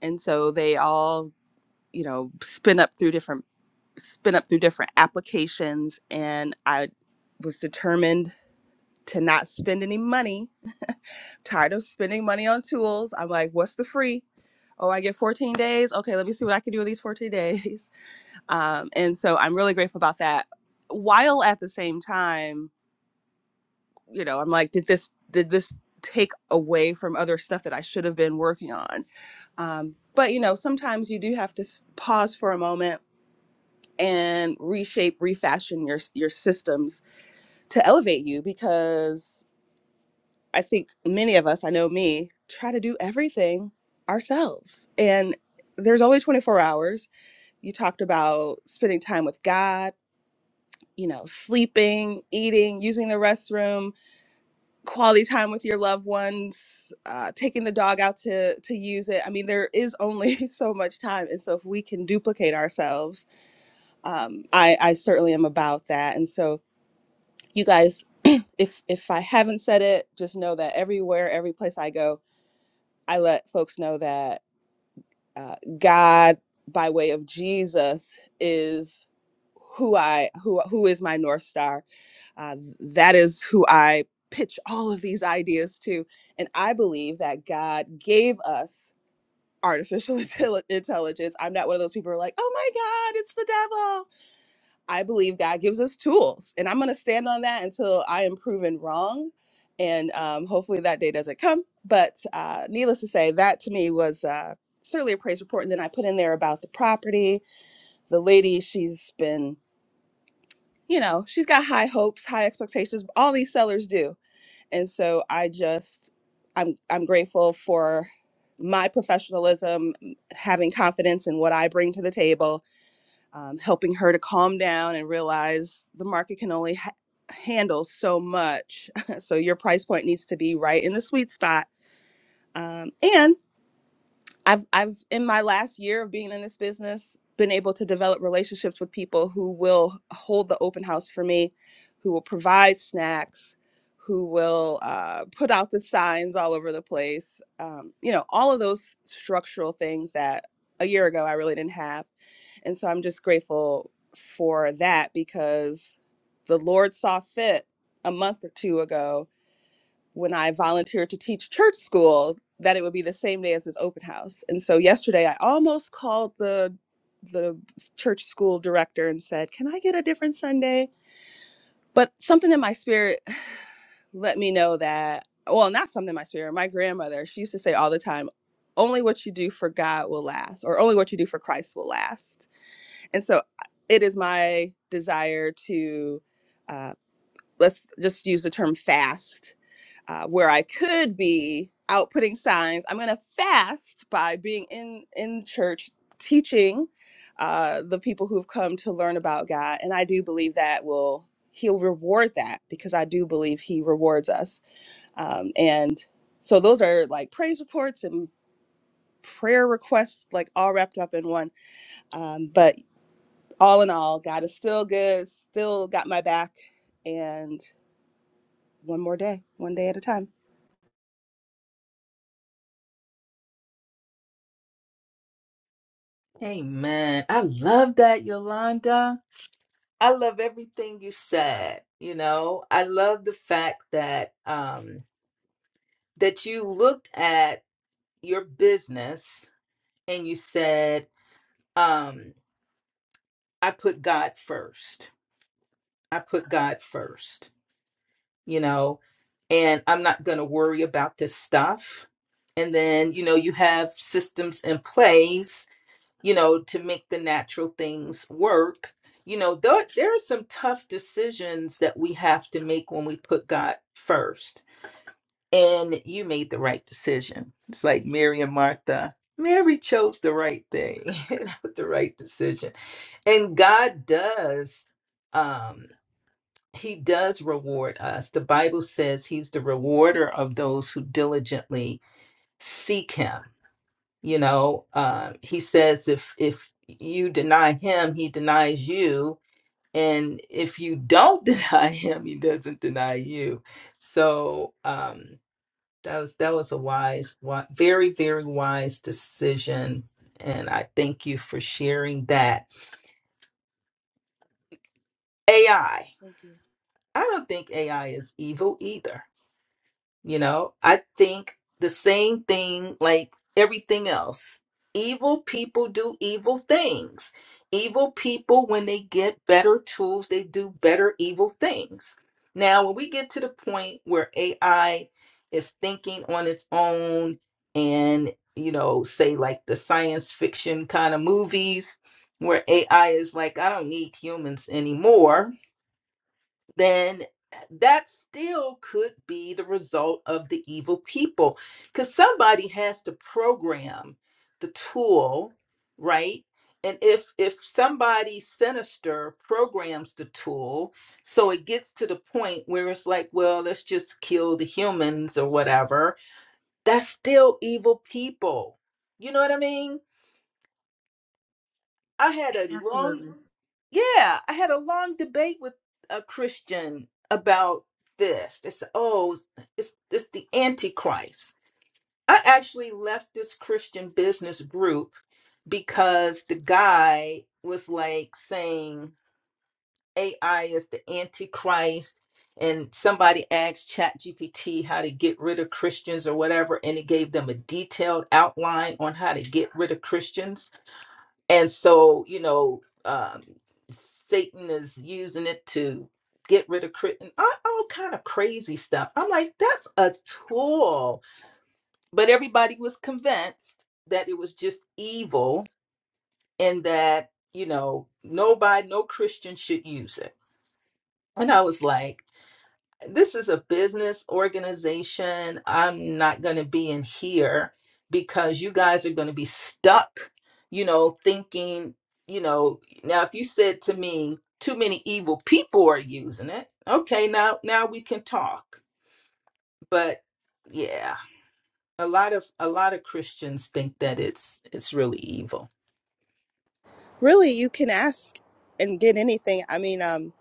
[SPEAKER 3] And so they all, you know, spin up through different spin up through different applications and I was determined to not spend any money. I'm Tired of spending money on tools. I'm like, what's the free? Oh, I get 14 days. Okay, let me see what I can do with these 14 [laughs] days. Um, and so I'm really grateful about that. While at the same time, you know, I'm like, did this did this take away from other stuff that I should have been working on? Um, but you know, sometimes you do have to s- pause for a moment and reshape, refashion your your systems to elevate you because I think many of us, I know me, try to do everything ourselves. And there's only 24 hours. You talked about spending time with God, you know, sleeping, eating, using the restroom, quality time with your loved ones, uh, taking the dog out to, to use it. I mean, there is only [laughs] so much time. And so if we can duplicate ourselves, um, I, I certainly am about that. And so you guys, [clears throat] if if I haven't said it, just know that everywhere, every place I go, I let folks know that uh, God, by way of Jesus, is who I who who is my north star. Uh, that is who I pitch all of these ideas to, and I believe that God gave us artificial [laughs] intelli- intelligence. I'm not one of those people who are like, "Oh my God, it's the devil." I believe God gives us tools, and I'm going to stand on that until I am proven wrong. And um, hopefully that day doesn't come. But uh, needless to say, that to me was uh, certainly a praise report. And then I put in there about the property. The lady, she's been, you know, she's got high hopes, high expectations. All these sellers do, and so I just, I'm, I'm grateful for my professionalism, having confidence in what I bring to the table, um, helping her to calm down and realize the market can only ha- handle so much. [laughs] so your price point needs to be right in the sweet spot. Um, and I've I've in my last year of being in this business been able to develop relationships with people who will hold the open house for me, who will provide snacks, who will uh, put out the signs all over the place. Um, you know, all of those structural things that a year ago I really didn't have and so I'm just grateful for that because the Lord saw fit a month or two ago when I volunteered to teach church school that it would be the same day as his open house. And so yesterday I almost called the the church school director and said, "Can I get a different Sunday?" But something in my spirit [sighs] let me know that well, not something in my spirit. My grandmother, she used to say all the time, only what you do for God will last, or only what you do for Christ will last and so uh, it is my desire to uh, let's just use the term fast uh, where i could be out putting signs i'm going to fast by being in in church teaching uh, the people who've come to learn about god and i do believe that will he'll reward that because i do believe he rewards us um, and so those are like praise reports and prayer requests like all wrapped up in one um, but all in all, God is still good, still got my back, and one more day, one day at a time.
[SPEAKER 1] Amen. I love that, Yolanda. I love everything you said. You know, I love the fact that um that you looked at your business and you said, um, I put God first. I put God first. you know, and I'm not going to worry about this stuff. And then, you know, you have systems in place, you know, to make the natural things work. You know, there, there are some tough decisions that we have to make when we put God first. And you made the right decision. It's like Mary and Martha. Mary chose the right thing. [laughs] that was the right decision. And God does. Um. He does reward us. The Bible says he's the rewarder of those who diligently seek him. You know, uh, he says if if you deny him, he denies you, and if you don't [laughs] deny him, he doesn't deny you. So um, that was that was a wise, wi- very very wise decision, and I thank you for sharing that. AI. I
[SPEAKER 3] Thank you.
[SPEAKER 1] I don't think AI is evil either. You know, I think the same thing like everything else. Evil people do evil things. Evil people, when they get better tools, they do better evil things. Now, when we get to the point where AI is thinking on its own and, you know, say like the science fiction kind of movies where AI is like, I don't need humans anymore then eh, that still could be the result of the evil people because somebody has to program the tool right and if if somebody sinister programs the tool so it gets to the point where it's like well let's just kill the humans or whatever that's still evil people you know what i mean i had a long
[SPEAKER 3] Absolutely.
[SPEAKER 1] yeah, I had a long debate with a Christian about this. They said, "Oh, it's it's it's the Antichrist." I actually left this Christian business group because the guy was like saying AI is the Antichrist, and somebody asked ChatGPT how to get rid of Christians or whatever, and it gave them a detailed outline on how to get rid of Christians and so you know um satan is using it to get rid of crit and all, all kind of crazy stuff i'm like that's a tool but everybody was convinced that it was just evil and that you know nobody no christian should use it and i was like this is a business organization. I'm not going to be in here because you guys are going to be stuck, you know, thinking, you know, now if you said to me, too many evil people are using it. Okay, now now we can talk. But yeah, a lot of a lot of Christians think that it's it's really evil.
[SPEAKER 3] Really, you can ask and get anything. I mean, um,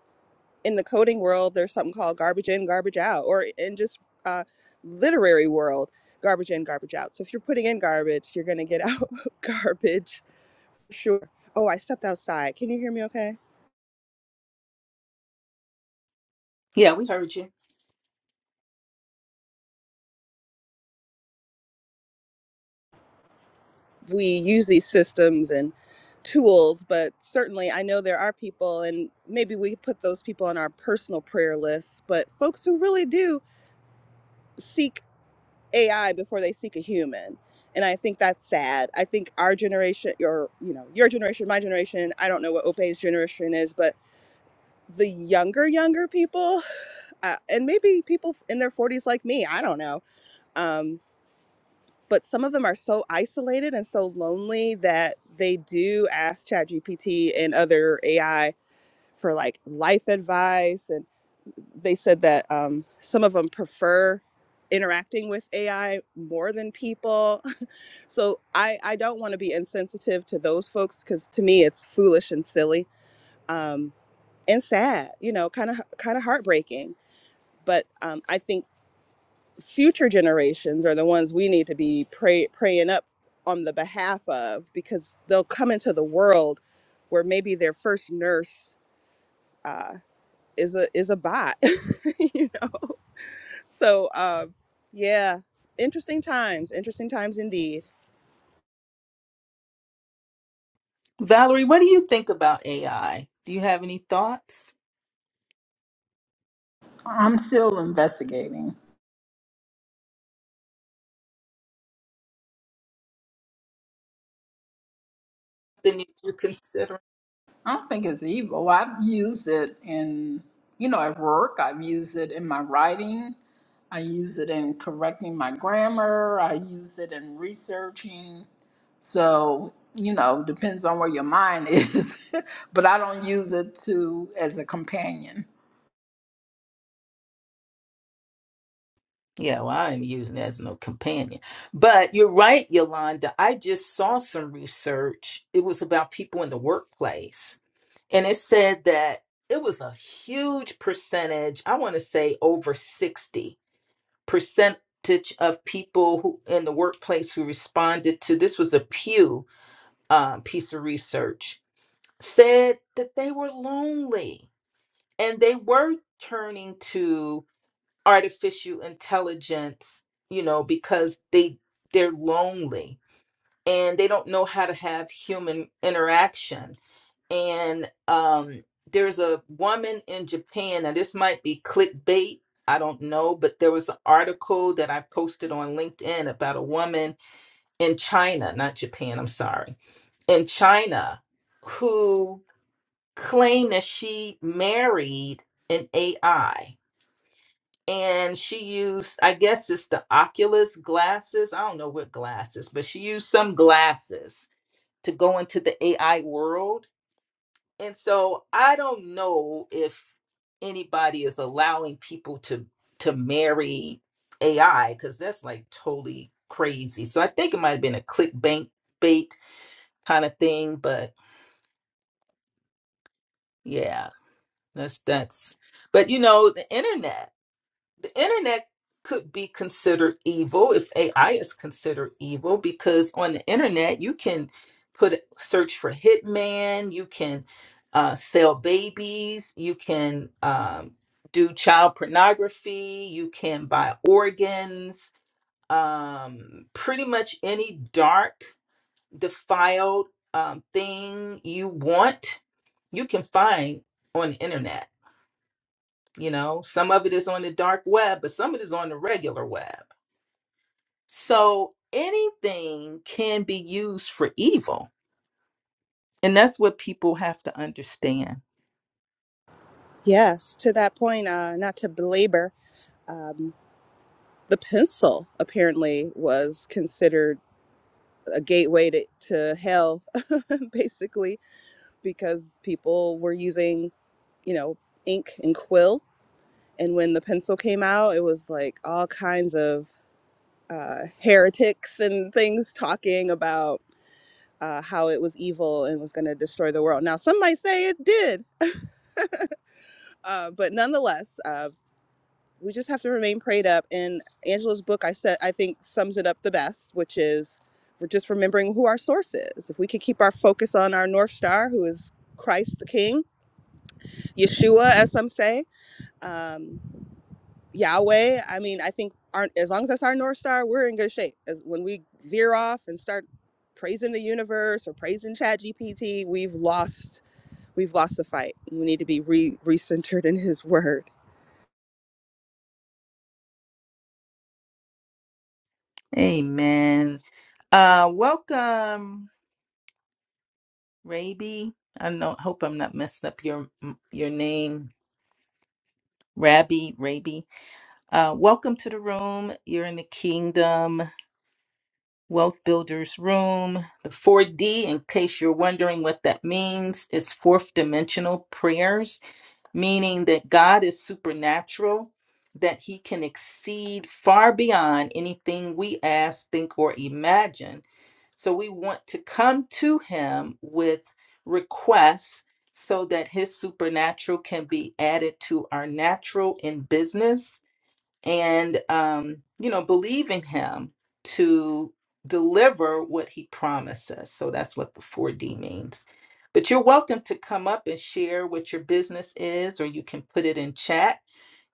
[SPEAKER 3] in the coding world, there's something called garbage in, garbage out, or in just uh, literary world, garbage in, garbage out. So if you're putting in garbage, you're gonna get out [laughs] garbage. Sure. Oh, I stepped outside. Can you hear me? Okay.
[SPEAKER 1] Yeah, we heard you.
[SPEAKER 3] we use these systems and tools, but certainly I know there are people, and maybe we put those people on our personal prayer lists, but folks who really do seek AI before they seek a human. And I think that's sad. I think our generation, your, you know, your generation, my generation, I don't know what Ope's generation is, but the younger, younger people, uh, and maybe people in their 40s like me, I don't know, um, but some of them are so isolated and so lonely that they do ask ChatGPT and other AI for like life advice. And they said that um, some of them prefer interacting with AI more than people. [laughs] So I, I don't want to be insensitive to those folks because to me it's foolish and silly um, and sad, you know, kind of kind of heartbreaking. But um, I think future generations are the ones we need to be pray, praying up on the behalf of because they'll come into the world where maybe their first nurse uh, is a is a bot [laughs] you know so uh, yeah interesting times interesting times indeed
[SPEAKER 1] Valerie, what do you think about AI? Do you have any thoughts?
[SPEAKER 2] I'm still investigating.
[SPEAKER 1] Then you you consider.
[SPEAKER 2] I don't think it's evil. Well, I've used it in, you know, at work. I've used it in my writing. I use it in correcting my grammar. I use it in researching. So, you know, depends on where your mind is. [laughs] but I don't use it to as a companion.
[SPEAKER 1] Yeah, well, I am using it as no companion. But you're right, Yolanda. I just saw some research. It was about people in the workplace. And it said that it was a huge percentage, I want to say over 60 percentage of people who in the workplace who responded to this was a Pew um, piece of research, said that they were lonely and they were turning to artificial intelligence you know because they they're lonely and they don't know how to have human interaction and um there's a woman in japan and this might be clickbait i don't know but there was an article that i posted on linkedin about a woman in china not japan i'm sorry in china who claimed that she married an ai and she used i guess it's the oculus glasses i don't know what glasses but she used some glasses to go into the ai world and so i don't know if anybody is allowing people to to marry ai because that's like totally crazy so i think it might have been a clickbait bait kind of thing but yeah that's that's but you know the internet the internet could be considered evil if AI is considered evil because on the internet you can put search for hitman, you can uh, sell babies, you can um, do child pornography, you can buy organs, um, pretty much any dark, defiled um, thing you want, you can find on the internet you know, some of it is on the dark web, but some of it is on the regular web. So anything can be used for evil. And that's what people have to understand.
[SPEAKER 3] yes to that point uh, not to belabor um, the pencil apparently was considered a gateway to, to hell [laughs] basically because people were using you know, ink and quill. And when the pencil came out, it was like all kinds of heretics and things talking about uh, how it was evil and was going to destroy the world. Now, some might say it did, uh, but nonetheless, uh, we just have to remain prayed up. And Angela's book, I said, I think sums it up the best, which is we're just remembering who our source is. If we could keep our focus on our North Star, who is Christ the King, Yeshua, as some say, um, Yahweh, I mean, I think are as long as that's our north star, we're in good shape. As when we veer off and start praising the universe or praising ChatGPT, we've lost we've lost the fight. We need to be re recentered in His Word.
[SPEAKER 1] Amen. Uh, welcome, Raby. I know, hope I'm not messing up your your name, Rabbi Raby. Uh, welcome to the room. You're in the Kingdom Wealth Builders Room. The 4D, in case you're wondering what that means, is fourth dimensional prayers, meaning that God is supernatural, that He can exceed far beyond anything we ask, think, or imagine So we want to come to him with requests so that his supernatural can be added to our natural in business and, um, you know, believe in him to deliver what he promises. So that's what the 4D means. But you're welcome to come up and share what your business is, or you can put it in chat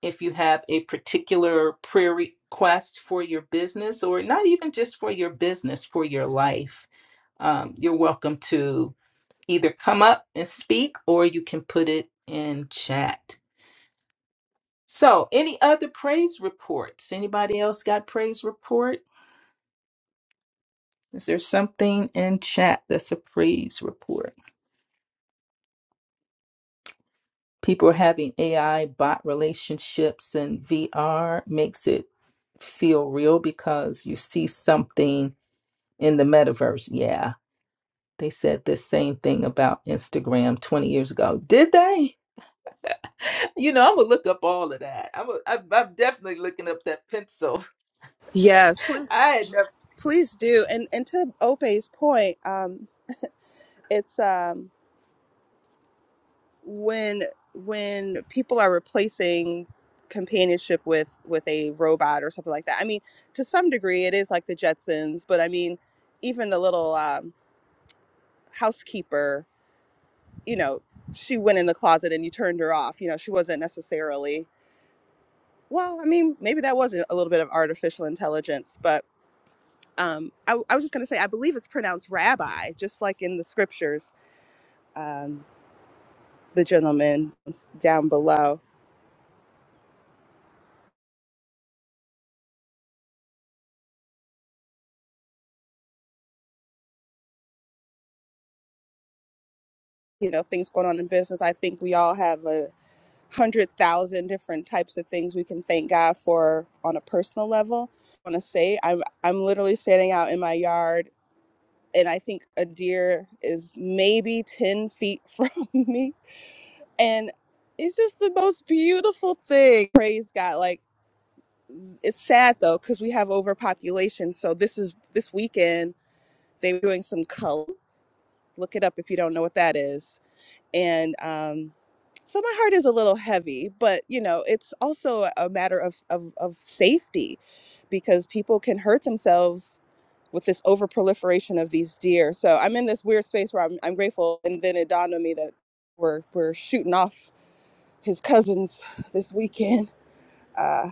[SPEAKER 1] if you have a particular prayer request for your business or not even just for your business for your life um, you're welcome to either come up and speak or you can put it in chat. So, any other praise reports? Anybody else got praise report? Is there something in chat that's a praise report? People are having AI bot relationships and VR makes it feel real because you see something in the metaverse. Yeah, they said the same thing about Instagram 20 years ago. Did they? You know, I'm gonna look up all of that. I'm a, I'm, I'm definitely looking up that pencil.
[SPEAKER 3] Yes, pl-
[SPEAKER 1] [laughs] I had never.
[SPEAKER 3] please do. And and to Ope's point, um, it's um, when when people are replacing companionship with with a robot or something like that. I mean, to some degree, it is like the Jetsons, but I mean, even the little um, housekeeper, you know, she went in the closet and you turned her off. You know, she wasn't necessarily, well, I mean, maybe that was a little bit of artificial intelligence, but um, I, I was just going to say, I believe it's pronounced rabbi, just like in the scriptures, um, the gentleman down below. You know, things going on in business. I think we all have a hundred thousand different types of things we can thank God for on a personal level. I want to say I'm I'm literally standing out in my yard and I think a deer is maybe 10 feet [laughs] from me. And it's just the most beautiful thing. Praise God. Like it's sad though, because we have overpopulation. So this is this weekend they were doing some cull. Look it up if you don't know what that is. And um so my heart is a little heavy, but you know, it's also a matter of, of, of safety because people can hurt themselves with this overproliferation of these deer. So I'm in this weird space where I'm, I'm grateful. And then it dawned on me that we're, we're shooting off his cousins this weekend. [laughs] Uh,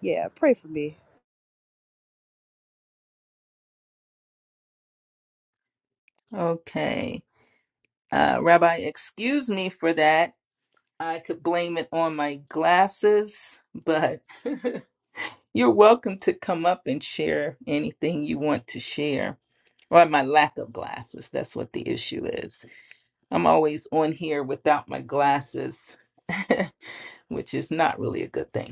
[SPEAKER 3] yeah, pray for me.
[SPEAKER 1] Okay, uh, Rabbi, excuse me for that. I could blame it on my glasses, but [laughs] you're welcome to come up and share anything you want to share, or my lack of glasses. That's what the issue is. I'm always on here without my glasses, [laughs] which is not really a good thing.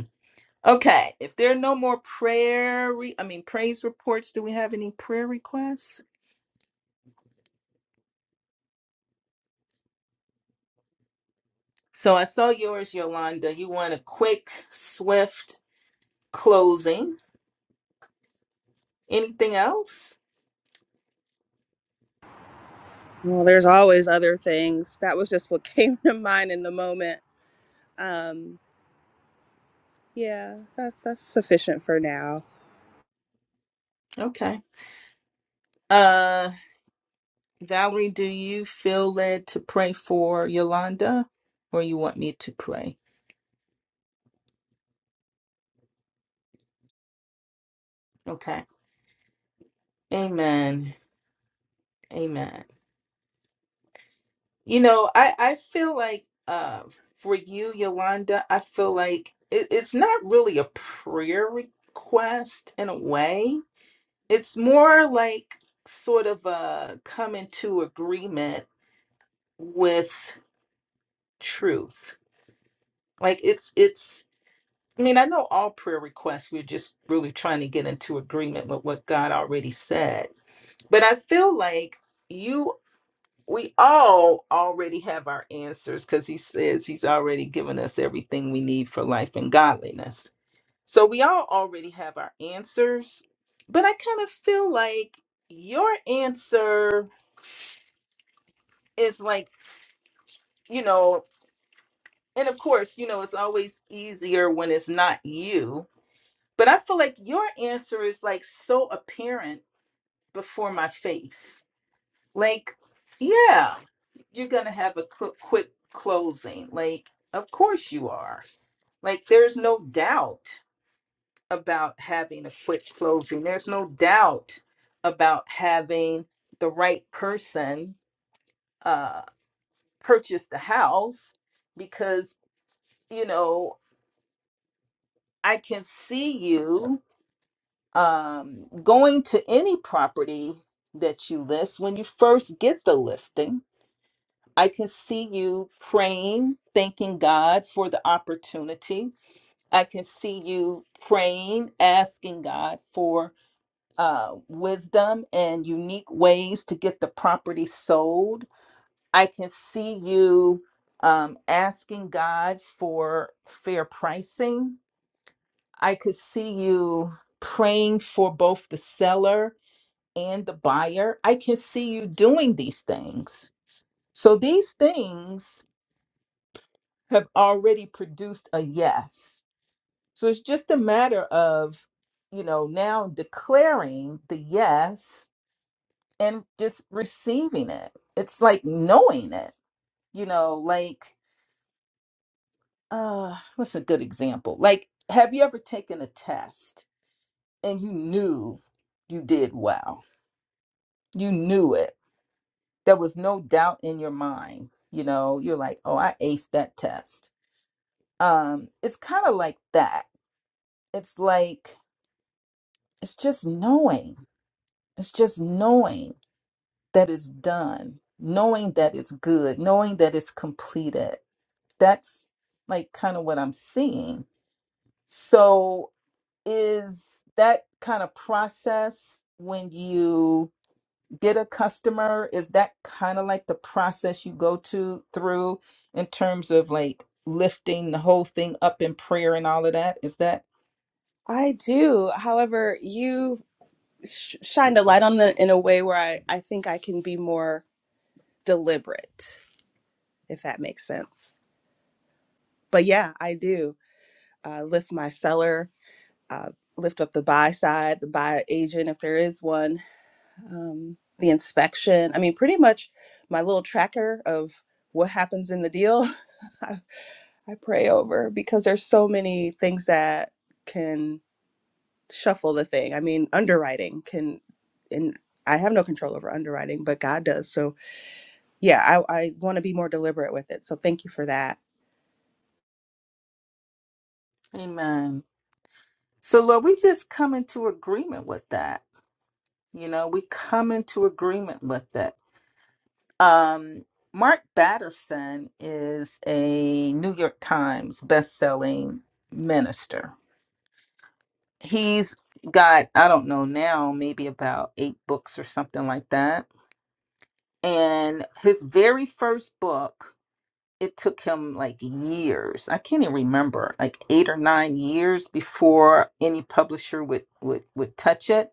[SPEAKER 1] Okay, if there are no more prayer, re- I mean praise reports, do we have any prayer requests? So I saw yours, Yolanda. You want a quick, swift closing. Anything else?
[SPEAKER 3] Well, there's always other things. That was just what [laughs] came to mind in the moment. Um, yeah, that, that's sufficient for now.
[SPEAKER 1] Okay. Uh Valerie, do you feel led to pray for Yolanda or you want me to pray? Okay. Amen. Amen. You know, I I feel like uh for you, Yolanda, I feel like it, it's not really a prayer request in a way. It's more like sort of a come into agreement with truth. Like it's it's I mean, I know all prayer requests, we're just really trying to get into agreement with what God already said. But I feel like you. we all already have our answers because he says he's already given us everything we need for life and godliness. So we all already have our answers, but I kind of feel like your answer is like, you know, and of course, you know, it's always easier when it's not you, but I feel like your answer is like so apparent before my face Like, yeah, you're going to have a quick, quick closing. Like, of course you are. Like, there's no doubt about having a quick closing. There's no doubt about having the right person uh, purchase the house because, you know, I can see you um, going to any property that you list when you first get the listing I can see you praying, thanking God for the opportunity. I can see you praying, asking God for uh, wisdom and unique ways to get the property sold. I can see you um, asking God for fair pricing. I could see you praying for both the seller and the buyer. I can see you doing these things. So these things have already produced a yes. So it's just a matter of, you know, now declaring the yes and just receiving it. It's like knowing it, you know, like, uh, what's a good example? Like, have you ever taken a test and you knew you did well? You knew it. There was no doubt in your mind. You know, you're like, oh, I aced that test. Um, it's kind of like that. It's like it's just knowing it's just knowing that it's done knowing that it's good knowing that it's completed that's like kind of what i'm seeing so is that kind of process when you get a customer is that kind of like the process you go to through in terms of like lifting the whole thing up in prayer and all of that is that
[SPEAKER 3] I do. However, you sh- shined a light on the in a way where I, I think I can be more deliberate, if that makes sense. But yeah, I do. uh, lift my seller, uh, lift up the buy side, the buy agent if there is one, um, the inspection. I mean, pretty much my little tracker of what happens in the deal, [laughs] I, I pray over because there's so many things that can shuffle the thing. I mean, underwriting can, and I have no control over underwriting, but God does. So yeah, I, I want to be more deliberate with it. So thank you for that.
[SPEAKER 1] Amen. So, Lord, we just come into agreement with that. You know, we come into agreement with it. Um, Mark Batterson is a New York Times best-selling minister. He's got, I don't know now, maybe about eight books or something like that. And his very first book it took him like years i can't even remember like eight or nine years before any publisher would would would touch it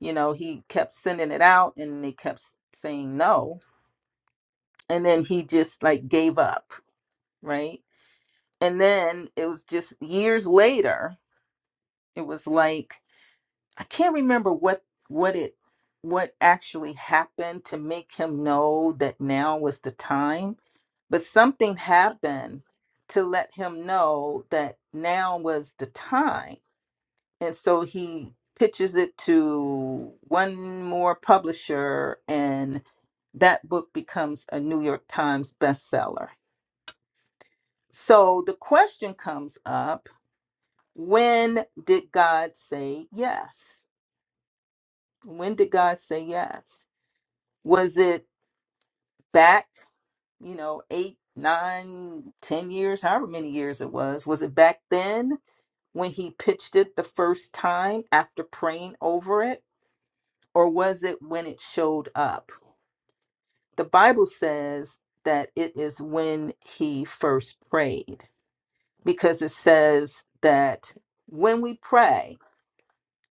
[SPEAKER 1] you know he kept sending it out and they kept s- saying no and then he just like gave up right and then it was just years later it was like i can't remember what what it what actually happened to make him know that now was the time but something happened to let him know that now was the time and so he pitches it to one more publisher and that book becomes a new york times bestseller so the question comes up when did god say yes when did god say yes was it back you know eight nine ten years however many years it was was it back then when he pitched it the first time after praying over it, or was it when it showed up? The Bible says that it is when he first prayed, because it says that when we pray,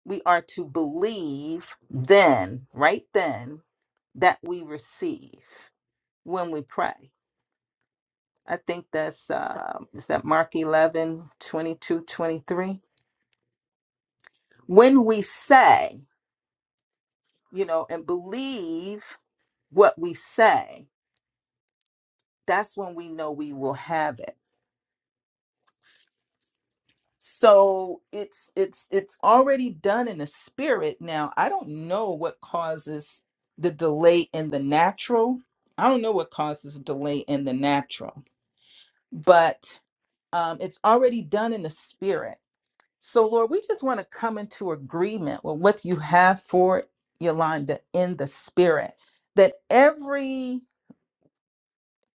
[SPEAKER 1] we are to believe then, right then, that we receive when we pray. I think that's, uh, is that Mark 11 22 23. When we say, you know, and believe what we say that's when we know we will have it so it's it's it's already done in the spirit now i don't know what causes the delay in the natural i don't know what causes delay in the natural but um, it's already done in the spirit so lord we just want to come into agreement with what you have for yolanda in the spirit that every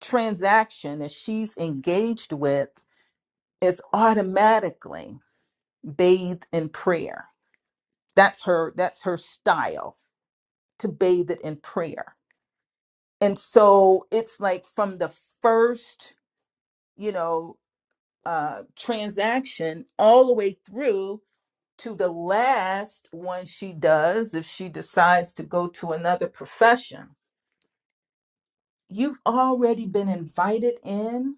[SPEAKER 1] transaction that she's engaged with is automatically bathed in prayer. That's her that's her style to bathe it in prayer. And so it's like from the first, you know, uh transaction all the way through to the last one she does if she decides to go to another profession. You've already been invited in.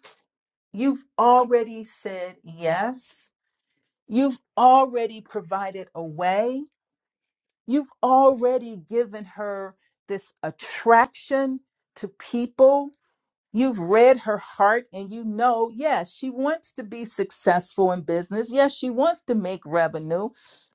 [SPEAKER 1] You've already said yes. You've already provided a way You've already given her this attraction to people You've read her heart and you know, yes, she wants to be successful in business. Yes, she wants to make revenue,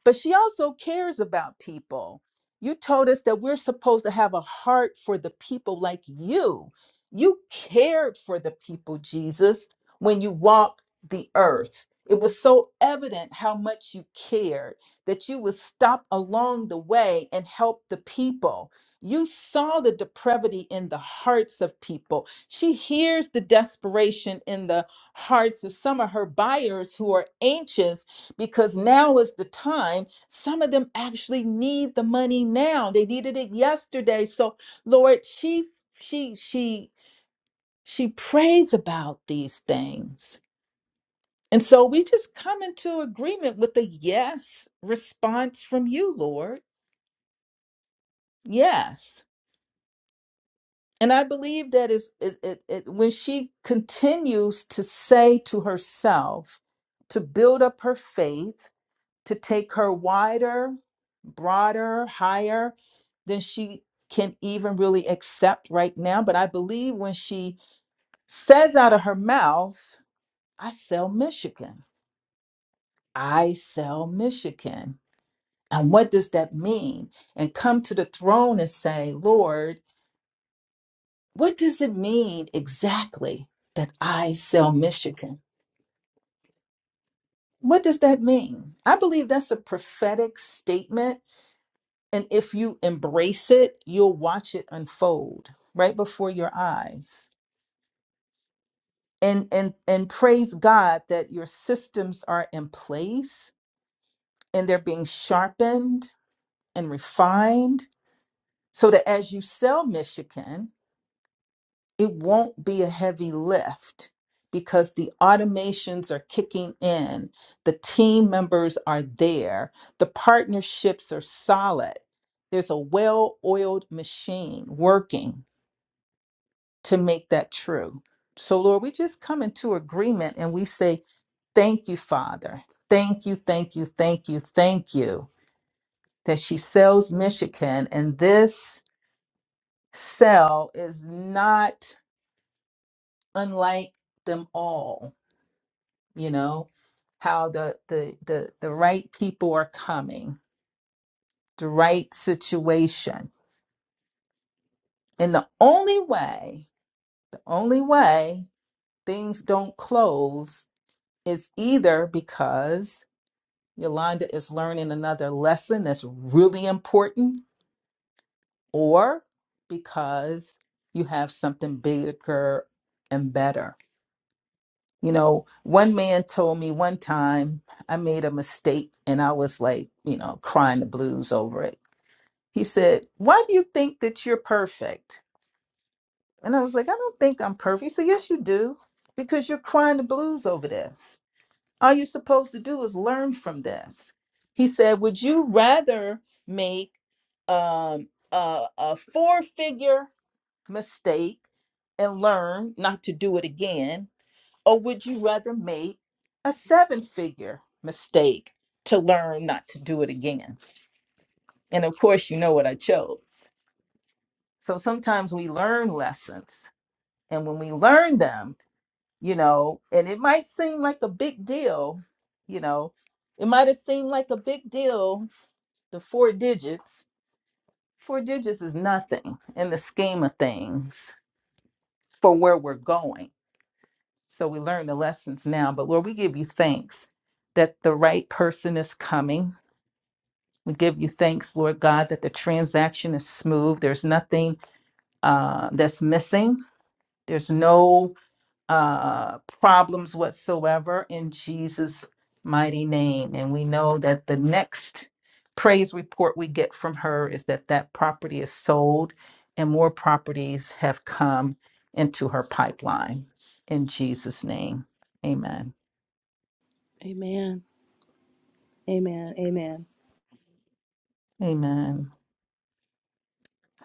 [SPEAKER 1] but she also cares about people. You told us that we're supposed to have a heart for the people like you. You cared for the people, Jesus, when you walked the earth. It was so evident how much you cared that you would stop along the way and help the people you saw the depravity in the hearts of people. She hears the desperation in the hearts of some of her buyers who are anxious because now is the time. Some of them actually need the money now. They needed it yesterday. So, Lord, she she she she prays about these things. And so we just come into agreement with a yes response from you, Lord. Yes. and I believe that is it, it, it when she continues to say to herself to build up her faith, to take her wider, broader, higher than she can even really accept right now. But I believe when she says out of her mouth, I sell Michigan. I sell Michigan. And what does that mean? And come to the throne and say, Lord, What does it mean exactly that I sell Michigan? What does that mean? I believe that's a prophetic statement. And if you embrace it, you'll watch it unfold right before your eyes. And, and, and praise God that your systems are in place and they're being sharpened and refined so that as you sell Michigan, it won't be a heavy lift because the automations are kicking in, the team members are there, the partnerships are solid. There's a well oiled machine working to make that true. So, Lord, we just come into agreement and we say, Thank you, Father. Thank you, thank you, thank you, thank you that she sells Michigan. And this cell is not unlike them all you know how the the the, the right people are coming the right situation and the only way the only way things don't close is either because yolanda is learning another lesson that's really important or because you have something bigger and better you know one man told me one time i made a mistake and i was like you know crying the blues over it He said, Why do you think that you're perfect? And I was like, I don't think I'm perfect. He said, Yes, you do, because you're crying the blues over this. All you're supposed to do is learn from this. He said, Would you rather make um, a, a four figure mistake and learn not to do it again? Or would you rather make a seven figure mistake to learn not to do it again? And of course, you know what I chose. So sometimes we learn lessons, and when we learn them, you know, and it might seem like a big deal, you know, it might have seemed like a big deal, the four digits. Four digits is nothing in the scheme of things for where we're going. So we learn the lessons now, but Lord, we give you thanks that the right person is coming. We give you thanks, Lord God, that the transaction is smooth. There's nothing uh, that's missing. There's no uh, problems whatsoever in Jesus' mighty name. And we know that the next praise report we get from her is that that property is sold and more properties have come into her pipeline in Jesus' name. Amen.
[SPEAKER 3] Amen. Amen. Amen.
[SPEAKER 1] Amen.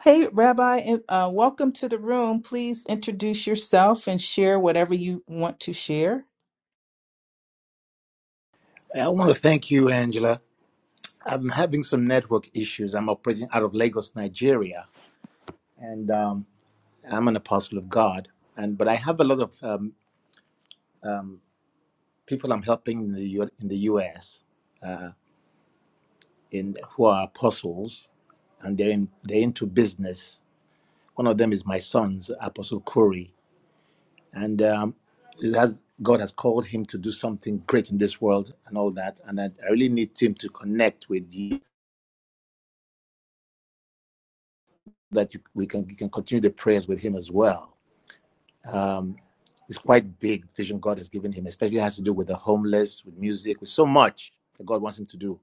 [SPEAKER 1] Hey, Rabbi, and, uh, welcome to the room. Please introduce yourself and share whatever you want to share.
[SPEAKER 4] I want to thank you, Angela. I'm having some network issues. I'm operating out of Lagos, Nigeria, and um, I'm an apostle of God. And but I have a lot of um, um, people I'm helping in the U- in the U.S. in who are apostles, and they're in, they're into business. One of them is my son's Apostle Corey, and um, it has, God has called him to do something great in this world and all that. And I, I really need him to connect with you so that you, we can you can continue the prayers with him as well um, it's quite big vision God has given him, especially it has to do with the homeless, with music, with so much that God wants him to do.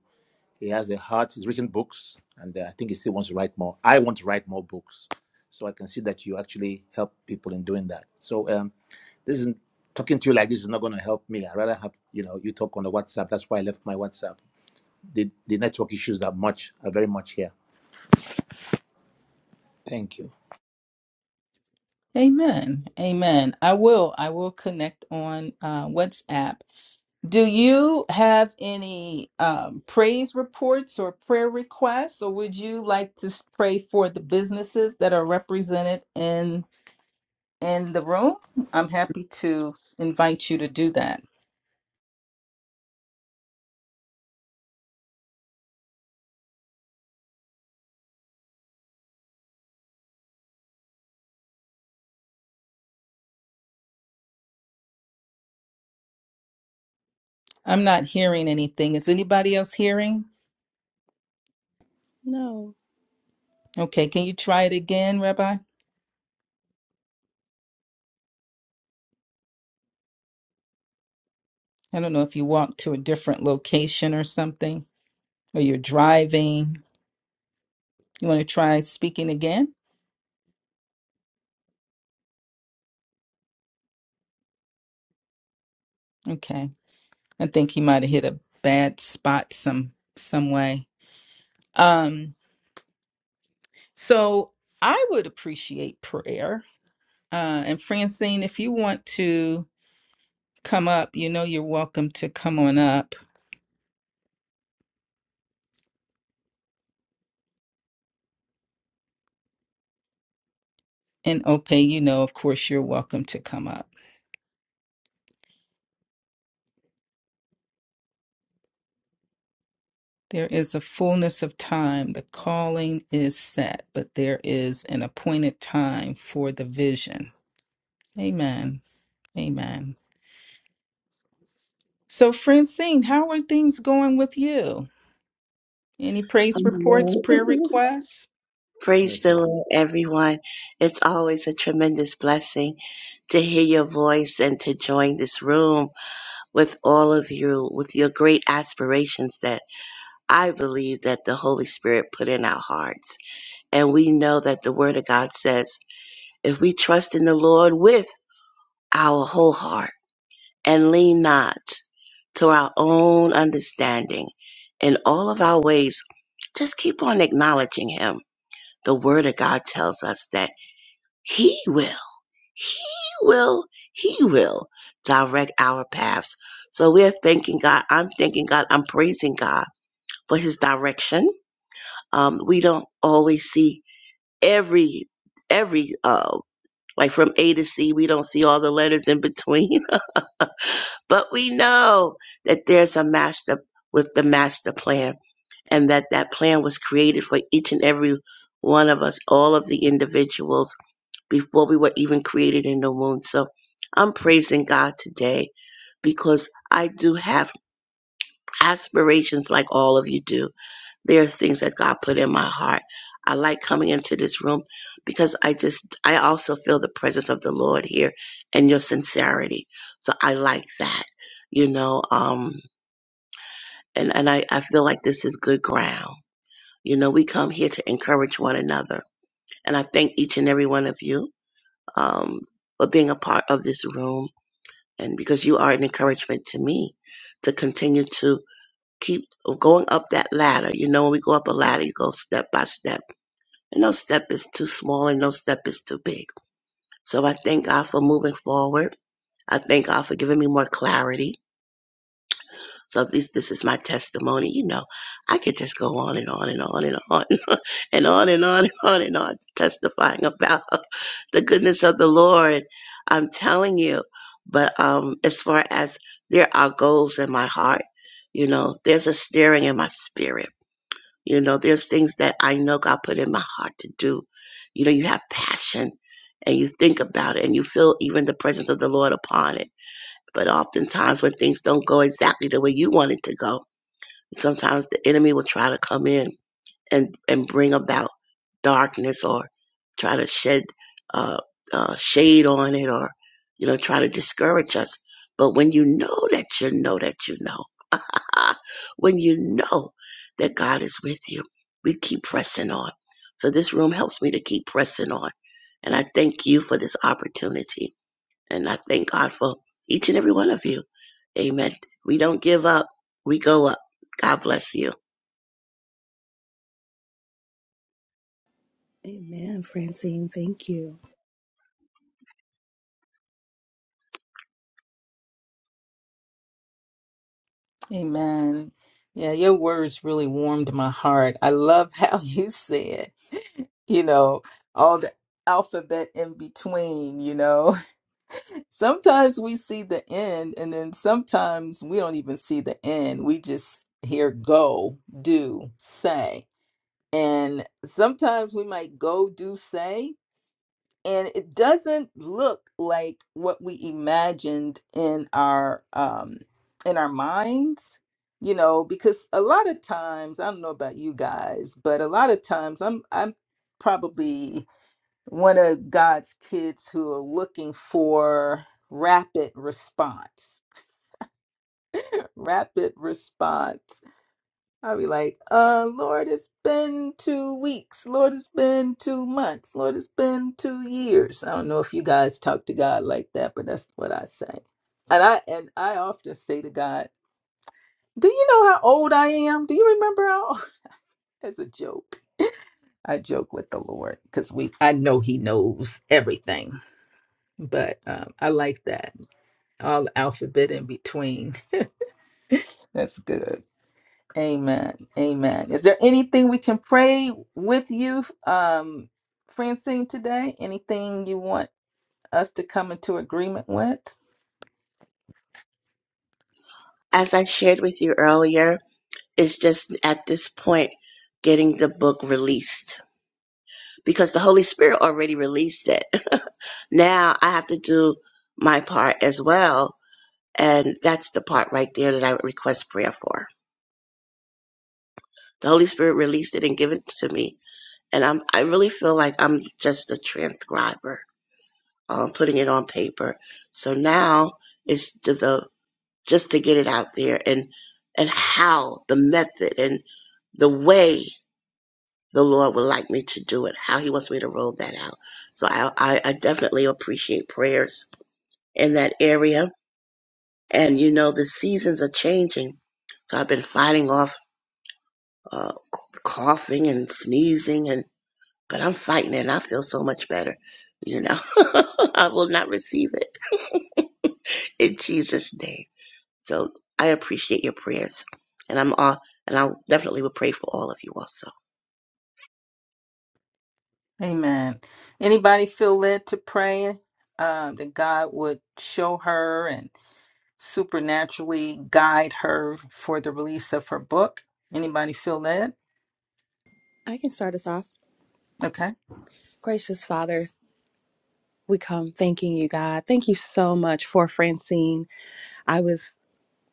[SPEAKER 4] He has a heart, he's written books, and uh, I think he still wants to write more. I want to write more books. So I can see that you actually help people in doing that. So um, this isn't talking to you like this is not going to help me. i rather have, you know, you talk on the WhatsApp. That's why I left my WhatsApp. The, the network issues that much are very much here. Thank you.
[SPEAKER 1] Amen. Amen. I will. I will connect on uh, WhatsApp. Do you have any um, praise reports or prayer requests, or would you like to s- pray for the businesses that are represented in in the room? I'm happy to invite you to do that. I'm not hearing anything. Is anybody else hearing?
[SPEAKER 3] No.
[SPEAKER 1] Okay, can you try it again, Rabbi? I don't know if you walked to a different location or something, or you're driving. You want to try speaking again? Okay. I think he might have hit a bad spot some some way. Um, so I would appreciate prayer. Uh, and Francine, if you want to come up, you know you're welcome to come on up. And Ope, you know, of course, you're welcome to come up. There is a fullness of time. The calling is set, but there is an appointed time for the vision. Amen. Amen. So, Francine, how are things going with you? Any praise reports,
[SPEAKER 5] Amen.
[SPEAKER 1] prayer requests?
[SPEAKER 5] Praise
[SPEAKER 4] That's
[SPEAKER 5] the
[SPEAKER 4] why.
[SPEAKER 5] Lord, everyone. It's always a tremendous blessing to hear your voice and to join this room with all of you, with your great aspirations that I believe that the Holy Spirit put in our hearts. And we know that the Word of God says, if we trust in the Lord with our whole heart and lean not to our own understanding in all of our ways, just keep on acknowledging Him the word of God tells us that he will, he will, he will direct our paths. So we're thanking God. I'm thanking God. I'm praising God for his direction. Um, we don't always see every, every, uh, like from A to C, we don't see all the letters in between, [laughs] but we know that there's a master with the master plan and that that plan was created for each and every one of us, all of the individuals before we were even created in the womb. So I'm praising God today because I do have aspirations like all of you do. There's things that God put in my heart. I like coming into this room because I just, I also feel the presence of the Lord here and your sincerity. So I like that, you know, um, and, and I, I feel like this is good ground. You know, we come here to encourage one another. And I thank each and every one of you um, for being a part of this room and because you are an encouragement to me to continue to keep going up that ladder. You know, when we go up a ladder, you go step by step, and no step is too small and no step is too big. So I thank God for moving forward. I thank God for giving me more clarity. So this this is my testimony. You know, I could just go on and on and on and on [laughs] and on and on and on and on testifying about [laughs] the goodness of the Lord. I'm telling you. But um as far as there are goals in my heart, you know, there's a stirring in my spirit. You know, there's things that I know God put in my heart to do. You know, you have passion and you think about it and you feel even the presence of the Lord upon it. But oftentimes when things don't go exactly the way you want it to go, Sometimes the enemy will try to come in and, and bring about darkness or try to shed uh, uh, shade on it or, you know, try to discourage us. But when you know that you know that you know, [laughs] when you know that God is with you, we keep pressing on. So this room helps me to keep pressing on. And I thank you for this opportunity and I thank God for each and every one of you. Amen. We don't give up, we go up. God bless you.
[SPEAKER 3] Amen, Francine. Thank you.
[SPEAKER 1] Amen. Yeah, your words really warmed my heart. I love how [laughs] you said, you know, all the alphabet in between, you know. [laughs] Sometimes we see the end, and then sometimes we don't even see the end. We just hear go, do, say. And sometimes we might go, do, say, and it doesn't look like what we imagined in our um in our minds you know because a lot of times i don't know about you guys but a lot of times i'm i'm probably one of god's kids who are looking for rapid response rapid response I'll be like, uh, Lord, it's been two weeks. Lord, it's been two months. Lord, it's been two years. I don't know if you guys talk to God like that, but that's what I say. And I and I often say to God, Do you know how old I am? Do you remember how old-" [laughs] as a joke? I joke with the Lord because we I know He knows everything. But um, I like that. All alphabet in between. [laughs] That's good. Amen. Amen. Is there anything we can pray with you, um, Francine, today? Anything you want us to come into agreement with?
[SPEAKER 5] As I shared with you earlier, it's just at this point getting the book released because the Holy Spirit already released it. [laughs] now I have to do my part as well. And that's the part right there that I would request prayer for. The Holy Spirit released it and given it to me. And I'm, I really feel like I'm just a transcriber um, putting it on paper. So now it's to the just to get it out there and and how the method and the way the Lord would like me to do it, how He wants me to roll that out. So I I, I definitely appreciate prayers in that area. And you know the seasons are changing, so I've been fighting off uh, coughing and sneezing and but I'm fighting it and I feel so much better. You know, [laughs] I will not receive it [laughs] in Jesus' name. So I appreciate your prayers, and I'm all, and I definitely will pray for all of you also.
[SPEAKER 1] Amen. Anybody feel led to pray um, that God would show her and supernaturally guide her for the release of her book. Anybody feel led?
[SPEAKER 3] I can start us off.
[SPEAKER 1] Okay.
[SPEAKER 3] Gracious Father, we come thanking you, God. Thank you so much for Francine. I was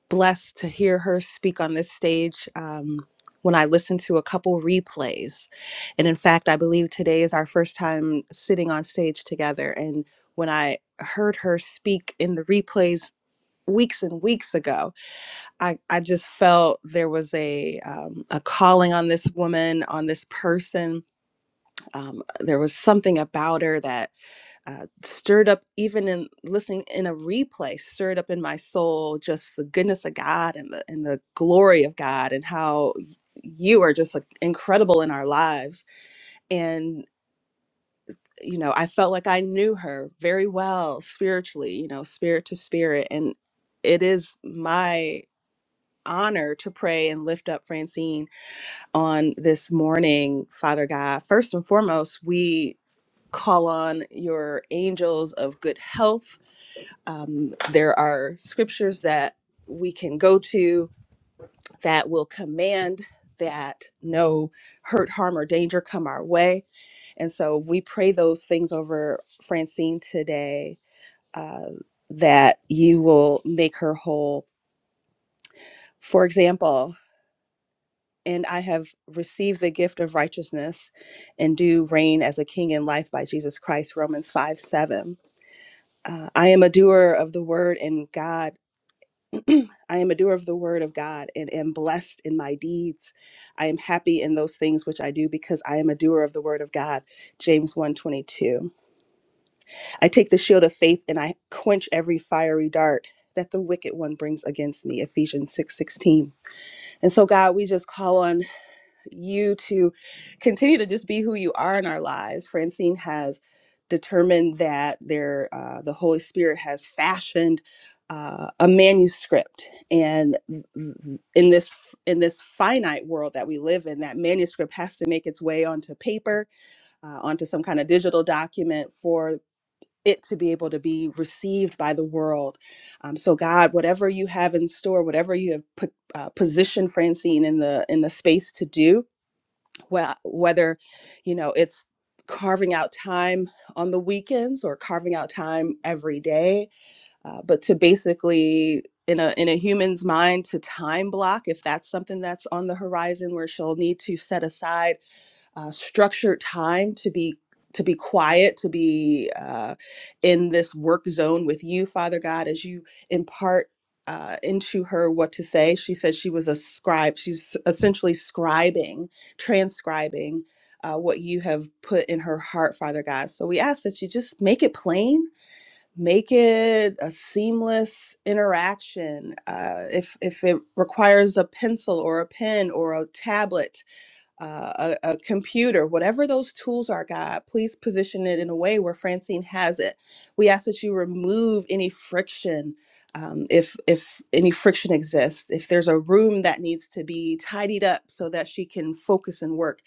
[SPEAKER 3] blessed to hear her speak on this stage um, when I listened to a couple replays. And in fact, I believe today is our first time sitting on stage together. And when I heard her speak in the replays, weeks and weeks ago i, I just felt there was a um, a calling on this woman on this person um, there was something about her that uh, stirred up even in listening in a replay stirred up in my soul just the goodness of god and the and the glory of god and how you are just like, incredible in our lives and you know i felt like i knew her very well spiritually you know spirit to spirit and it is my honor to pray and lift up francine on this morning father god first and foremost we call on your angels of good health. Um, there are scriptures that we can go to that will command that no hurt, harm, or danger come our way. And so we pray those things over Francine today uh, that you will make her whole. For example, and I have received the gift of righteousness and do reign as a king in life by Jesus Christ, Romans 5 7 uh, I am a doer of the word and God. [clears throat] I am a doer of the word of God and am blessed in my deeds. I am happy in those things which I do because I am a doer of the word of God. James one twenty two. I take the shield of faith and I quench every fiery dart that the wicked one brings against me. Ephesians 6:16. and so God, we just call on you to continue to just be who you are in our lives. Francine has determined that there, uh, the Holy Spirit has fashioned uh, a manuscript, and in this in this finite world that we live in, that manuscript has to make its way onto paper, uh, onto some kind of digital document for it to be able to be received by the world. Um, so God, whatever you have in store, whatever you have put uh, positioned Francine in the in the space to do, wh- whether you know it's carving out time on the weekends or carving out time every day uh, but to basically in a in a human's mind to time block if that's something that's on the horizon where she'll need to set aside uh, structured time to be to be quiet to be uh, in this work zone with you father god as you impart uh, into her what to say she said she was a scribe she's essentially scribing transcribing uh, what you have put in her heart father god so we ask that you just make it plain make it a seamless interaction uh, if if it requires a pencil or a pen or a tablet uh, a, a computer, whatever those tools are, God, please position it in a way where Francine has it. We ask that you remove any friction. Um, if if any friction exists, if there's a room that needs to be tidied up so that she can focus and work,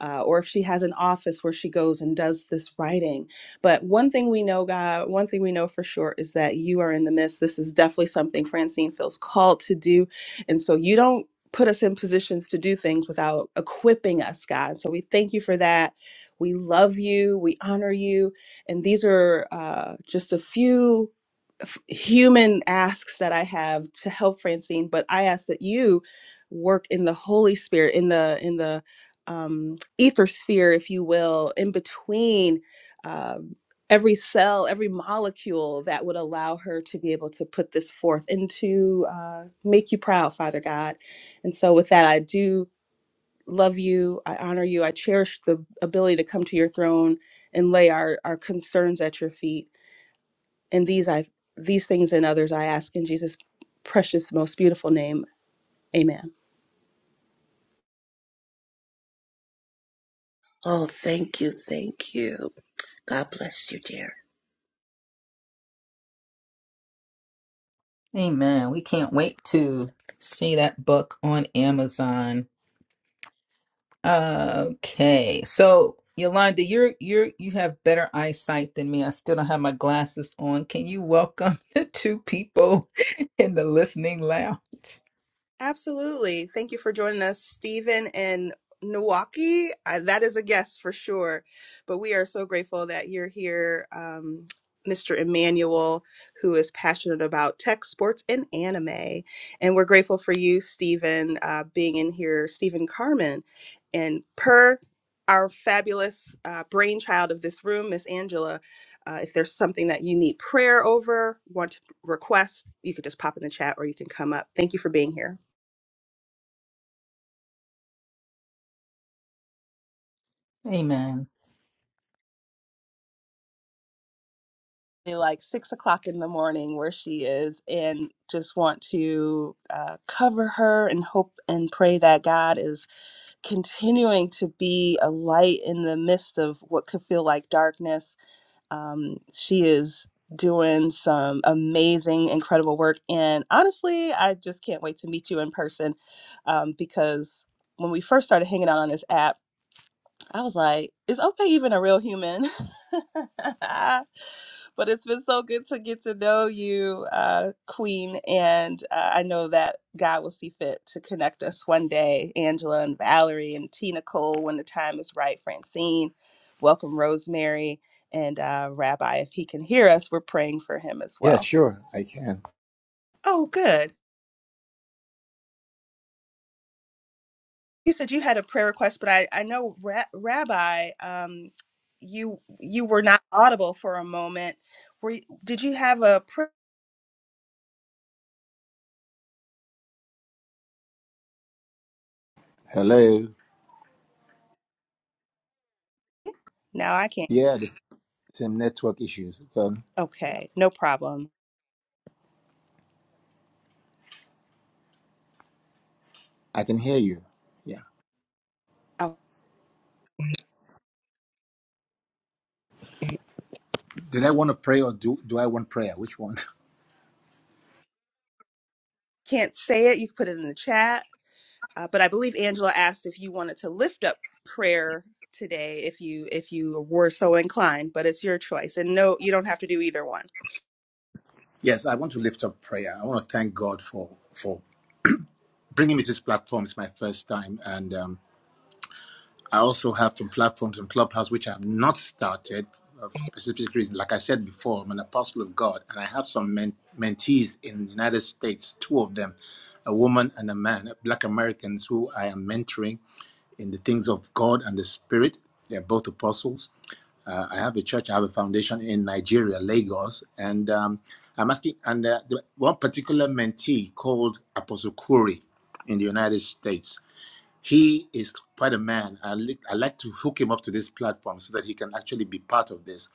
[SPEAKER 3] uh, or if she has an office where she goes and does this writing. But one thing we know, God, one thing we know for sure is that you are in the midst. This is definitely something Francine feels called to do, and so you don't put us in positions to do things without equipping us, God. So we thank you for that. We love you. We honor you. And these are uh, just a few f- human asks that I have to help Francine, but I ask that you work in the Holy Spirit, in the in the um, ether sphere, if you will, in between. Um, Every cell, every molecule that would allow her to be able to put this forth and to uh, make you proud, Father God. And so, with that, I do love you. I honor you. I cherish the ability to come to your throne and lay our, our concerns at your feet. And these I these things and others I ask in Jesus' precious, most beautiful name. Amen.
[SPEAKER 5] Oh, thank you, thank you. God bless you, dear.
[SPEAKER 1] Amen. We can't wait to see that book on Amazon. Okay. So Yolanda, you're you're you have better eyesight than me. I still don't have my glasses on. Can you welcome [laughs] the two people [laughs] in the listening lounge?
[SPEAKER 3] Absolutely. Thank you for joining us, Stephen and Milwaukee. I, that is a guess for sure. But we are so grateful that you're here, um, Mr. Emmanuel, who is passionate about tech, sports, and anime. And we're grateful for you, Stephen, uh, being in here, Stephen Carmen. And per our fabulous uh, brainchild of this room, Miss Angela, uh, if there's something that you need prayer over, want to request, you could just pop in the chat or you can come up. Thank you for being here.
[SPEAKER 1] Amen.
[SPEAKER 3] like six o'clock in the morning where she is and just want to uh, cover her and hope and pray that god is continuing to be a light in the midst of what could feel like darkness um, she is doing some amazing incredible work and honestly i just can't wait to meet you in person um, because when we first started hanging out on this app I was like, is Ope even a real human? [laughs] but it's been so good to get to know you, uh, Queen. And uh, I know that God will see fit to connect us one day, Angela and Valerie and Tina Cole, when the time is right, Francine. Welcome, Rosemary. And uh, Rabbi, if he can hear us, we're praying for him as
[SPEAKER 4] Yeah,
[SPEAKER 3] well.
[SPEAKER 4] sure, I can.
[SPEAKER 3] Oh, good. you said you had a prayer request, but I, I know Ra- Rabbi, um, you you were not audible for a moment. Were you, did you have a prayer?
[SPEAKER 4] Hello.
[SPEAKER 3] No, I can't.
[SPEAKER 4] Yeah, the same network issues. Um,
[SPEAKER 3] Okay, no problem.
[SPEAKER 4] I can hear you. Yeah.
[SPEAKER 3] I
[SPEAKER 4] Did I want to pray or do, do I want prayer? Which one? [laughs]
[SPEAKER 3] can't say it. You can put it in the chat. Uh, but I believe Angela asked if you wanted to lift up prayer today, if you if you were so inclined. But it's your choice, and no, you don't have to do either one.
[SPEAKER 4] Yes, I want to lift up prayer. I want to thank God for for bringing me to this platform. It's my first time, and um, I also have some platforms in Clubhouse which I have not started uh, for specific reasons. Like I said before, I'm an apostle of God, and I have some men- mentees in the United States. Two of them, a woman and a man, Black Americans who I am mentoring in the things of God and the Spirit. They're both apostles Uh, I have a church, I have a foundation in Nigeria, Lagos, and um, I'm asking. And uh, the, one particular mentee called Apostle Kuri in the United States. He is quite a man. I, li- I like to hook him up to this platform so that he can actually be part of this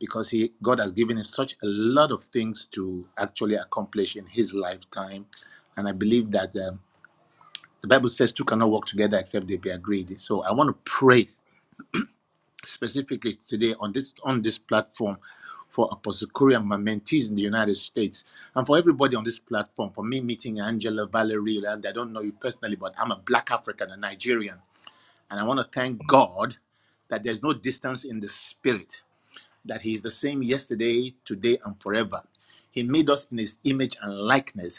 [SPEAKER 4] because he God has given him such a lot of things to actually accomplish in his lifetime, and I believe that um, the Bible says two cannot work together except they be agreed. So I want to pray specifically today on this on this platform for Apostle Korea and my mentees in the United States, and for everybody on this platform, for me meeting Angela Valerie, and I don't know you personally, but I'm a Black African, a Nigerian, and I want to thank God that there's no distance in the spirit, that He's the same yesterday, today, and forever. He made us in His image and likeness,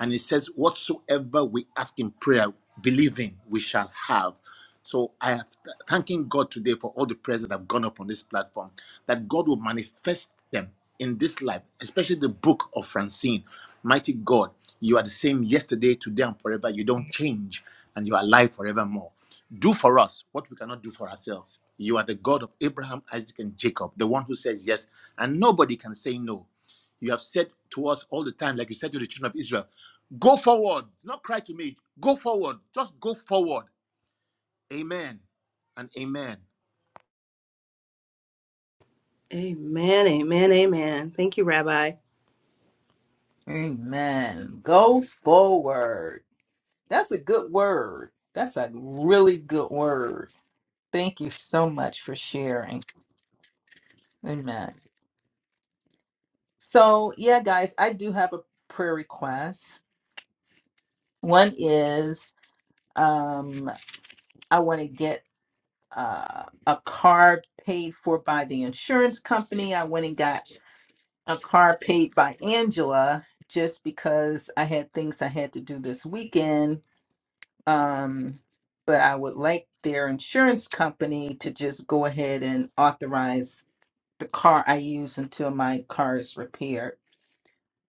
[SPEAKER 4] and it says, Whatsoever we ask in prayer, believing we shall have. So I am thanking God today for all the prayers that have gone up on this platform, that God will manifest them in this life, especially the book of Francine. Mighty God, you are the same yesterday, today, and forever. You don't change, and you are alive forevermore. Do for us what we cannot do for ourselves. You are the God of Abraham, Isaac, and Jacob, the one who says yes, and nobody can say no. You have said to us all the time, like you said to the children of Israel, Go forward. Not cry to me. Go forward. Just go forward. Amen and amen.
[SPEAKER 3] Amen, amen, amen. Thank you, Rabbi.
[SPEAKER 1] Amen. Go forward. That's a good word. That's a really good word Thank you so much for sharing. Amen. So, yeah, guys, I do have a prayer request. One is um, I want to get uh, a car paid for by the insurance company. I went and got a car paid by Angela just because I had things I had to do this weekend. Um, but I would like their insurance company to just go ahead and authorize the car I use until my car is repaired.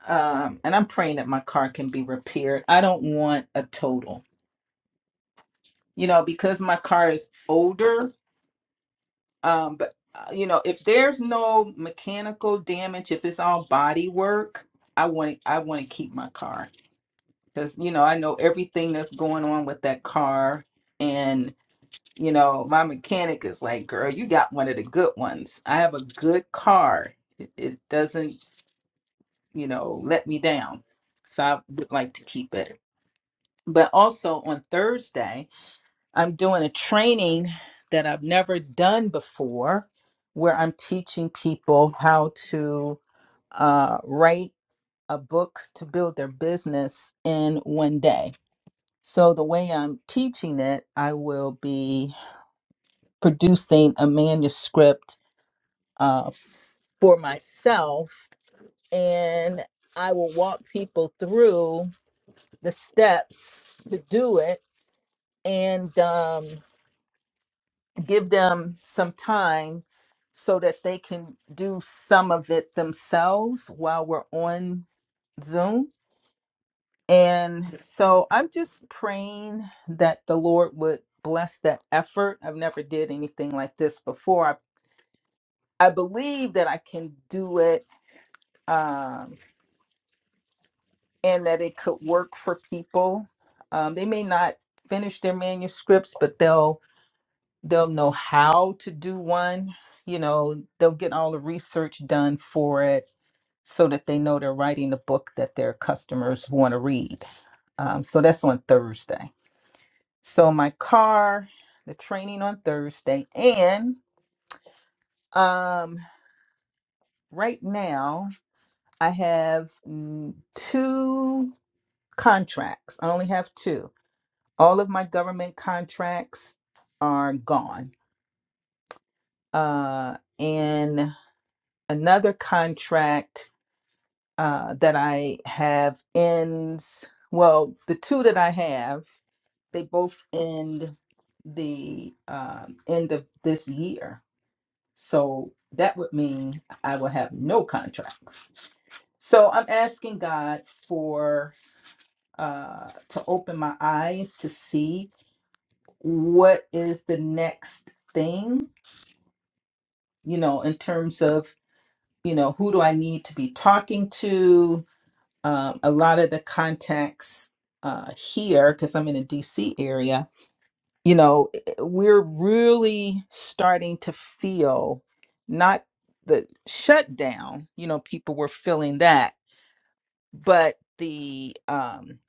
[SPEAKER 1] um, and I'm praying that my car can be repaired. I don't want a total, you know, because my car is older. Um, but uh, you know, if there's no mechanical damage, if it's all body work, I want to, I want to keep my car because you know I know everything that's going on with that car, and you know my mechanic is like, girl, you got one of the good ones. I have a good car. It, it doesn't, you know, let me down. So I would like to keep it. but also on Thursday, I'm doing a training that I've never done before where I'm teaching people how to uh, write a book to build their business in one day. So, the way I'm teaching it, I will be producing a manuscript uh, for myself and I will walk people through the steps to do it and um, give them some time so that they can do some of it themselves while we're on Zoom. And so I'm just praying that the Lord would bless that effort. I've never did anything like this before. I, I believe that I can do it um, and that it could work for people. Um, they may not finish their manuscripts, but they'll they'll know how to do one you know they'll get all the research done for it so that they know they're writing the book that their customers want to read um, so that's on thursday so my car the training on thursday and um, right now i have mm, two contracts i only have two all of my government contracts are gone uh, and another contract uh, that I have ends. Well, the two that I have, they both end the um, end of this year. So that would mean I will have no contracts. So I'm asking God for uh, to open my eyes to see what is the next thing, you know, in terms of, you know, who do I need to be talking to? um, a lot of the contacts uh, here, because I'm in the DC area, you know, we're really starting to feel not the shutdown, you know, people were feeling that, but the, um,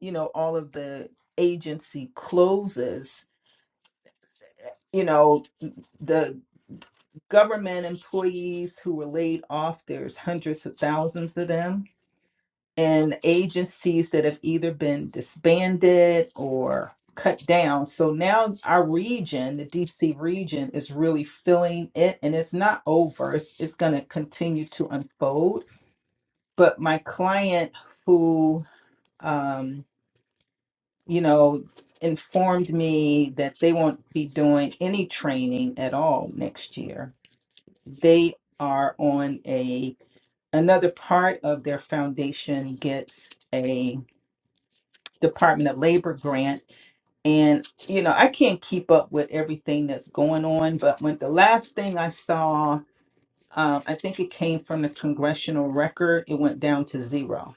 [SPEAKER 1] you know, all of the agency closes, you know, the government employees who were laid off, there's hundreds of thousands of them and agencies that have either been disbanded or cut down. So now our region, the DC region, is really feeling it and it's not over. It's, it's going to continue to unfold. But my client who, um, you know, informed me that they won't be doing any training at all next year, they are on a another part of their foundation gets a. Department of Labor grant. And, you know, I can't keep up with everything that's going on, but when the last thing I saw, um, I think it came from the congressional record, it went down to zero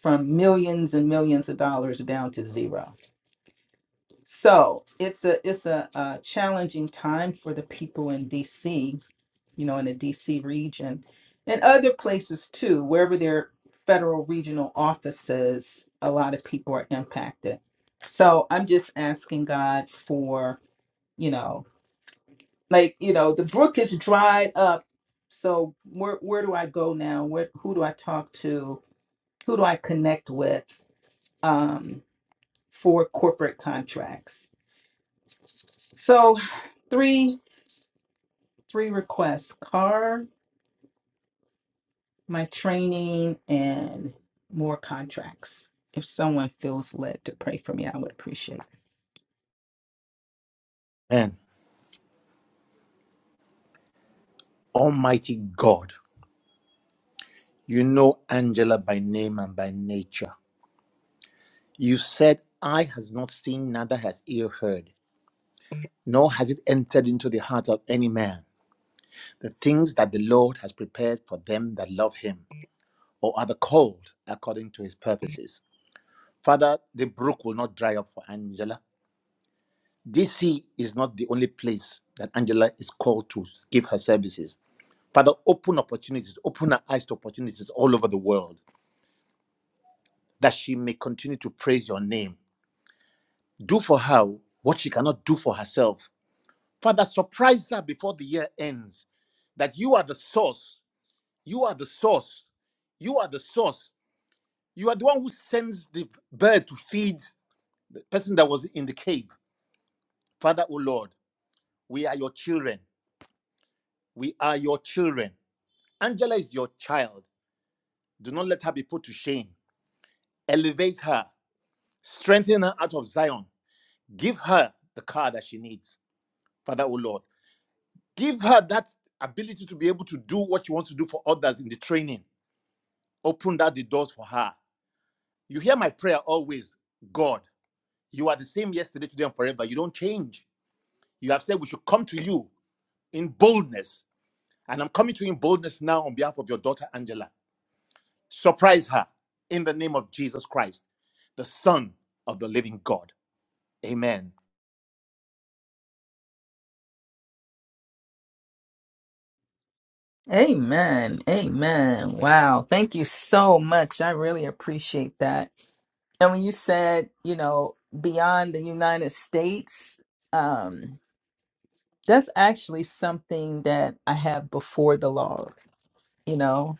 [SPEAKER 1] from millions and millions of dollars down to zero. So it's a it's a, uh challenging time for the people in DC you know, in the DC region and other places too, wherever there are federal regional offices, a lot of people are impacted. So I'm just asking God for, you know, like, you know, the brook is dried up. So where where do I go now? Where who do I talk to? Who do I connect with um, for corporate contracts? So three three requests. Car. my training and more contracts. If someone feels led to pray for me, I would appreciate it.
[SPEAKER 4] And Almighty God, you know Angela by name and by nature. You said, Eye has not seen, neither has ear heard, nor has it entered into the heart of any man. The things that the Lord has prepared for them that love him, or are the called according to his purposes. Father, the brook will not dry up for Angela. DC is not the only place that Angela is called to give her services. Father, open opportunities, open her eyes to opportunities all over the world that she may continue to praise your name. Do for her what she cannot do for herself. Father, surprise her before the year ends that you are the source. You are the source. You are the source. You are the one who sends the bird to feed the person that was in the cave. Father, O Lord, we are your children. We are your children. Angela is your child. Do not let her be put to shame. Elevate her, strengthen her out of Zion. Give her the car that she needs, Father, O Lord. Give her that ability to be able to do what she wants to do for others in the training. Open that the doors for her. You hear my prayer always, God. You are the same yesterday, today, and forever. You don't change. You have said we should come to you in boldness. And I'm coming to you in boldness now on behalf of your daughter, Angela. Surprise her in the name of Jesus Christ. the Son of the living God. Amen.
[SPEAKER 1] Amen. Amen. Wow. Thank you so much. I really appreciate that. And when you said, you know, beyond the United States, um, that's actually something that I have before the law. you know,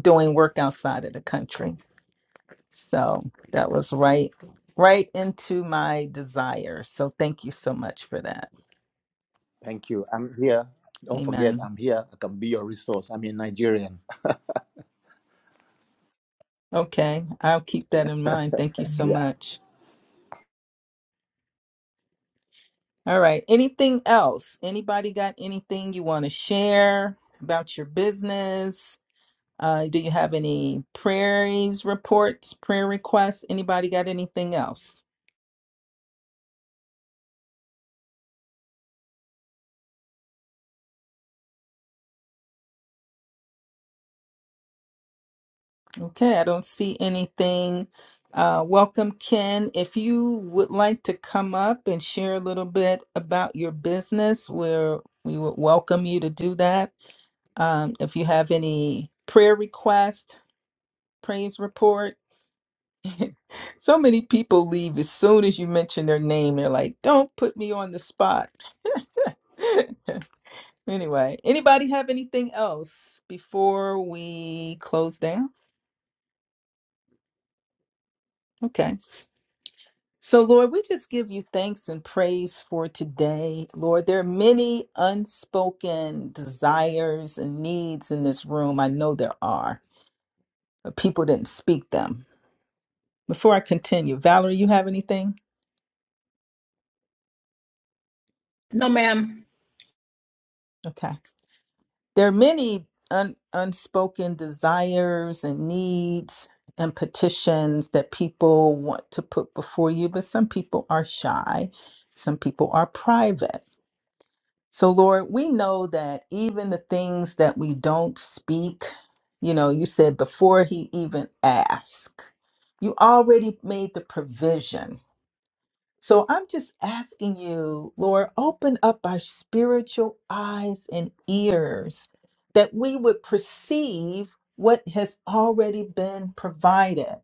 [SPEAKER 1] doing work outside of the country. So that was right, right into my desire. So thank you so much for that.
[SPEAKER 4] Thank you. I'm here. Don't forget,
[SPEAKER 1] Amen.
[SPEAKER 4] I'm here. I can be your resource. I'm a Nigerian.
[SPEAKER 1] Okay, I'll keep that in mind. Thank you so much. All right. Anything else? Anybody got anything you want to share about your business? Uh, do you have any prayers reports, prayer requests? Anybody got anything else? Okay, I don't see anything. Uh, welcome, Ken. If you would like to come up and share a little bit about your business, we're, we would welcome you to do that. Um, if you have any prayer request, praise report, so many people leave as soon as you mention their name. They're like, don't put me on the spot. [laughs] anyway, anybody have anything else before we close down? Okay. So, Lord, we just give you thanks and praise for today. Lord, there are many unspoken desires and needs in this room. I know there are, but people didn't speak them. Before I continue, Valerie, you have anything?
[SPEAKER 2] No, ma'am.
[SPEAKER 1] Okay. There are many un- unspoken desires and needs and petitions that people want to put before you, but some people are shy, some people are private. So, Lord, we know that even the things that we don't speak, you know, you said before he even asked, you already made the provision. So, I'm just asking you, Lord, open up our spiritual eyes and ears that we would perceive what has already been provided.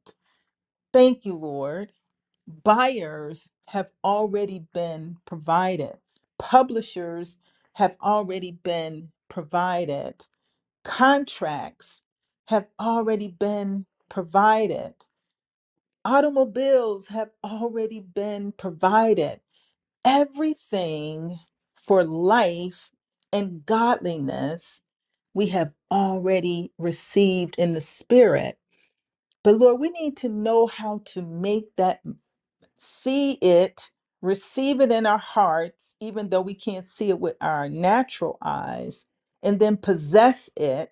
[SPEAKER 1] Thank you, Lord buyers have already been provided, publishers have already been provided, contracts have already been provided, automobiles have already been provided. Everything for life and godliness we have already received in the spirit. But Lord, we need to know how to make that see it, receive it in our hearts, even though we can't see it with our natural eyes, and then possess it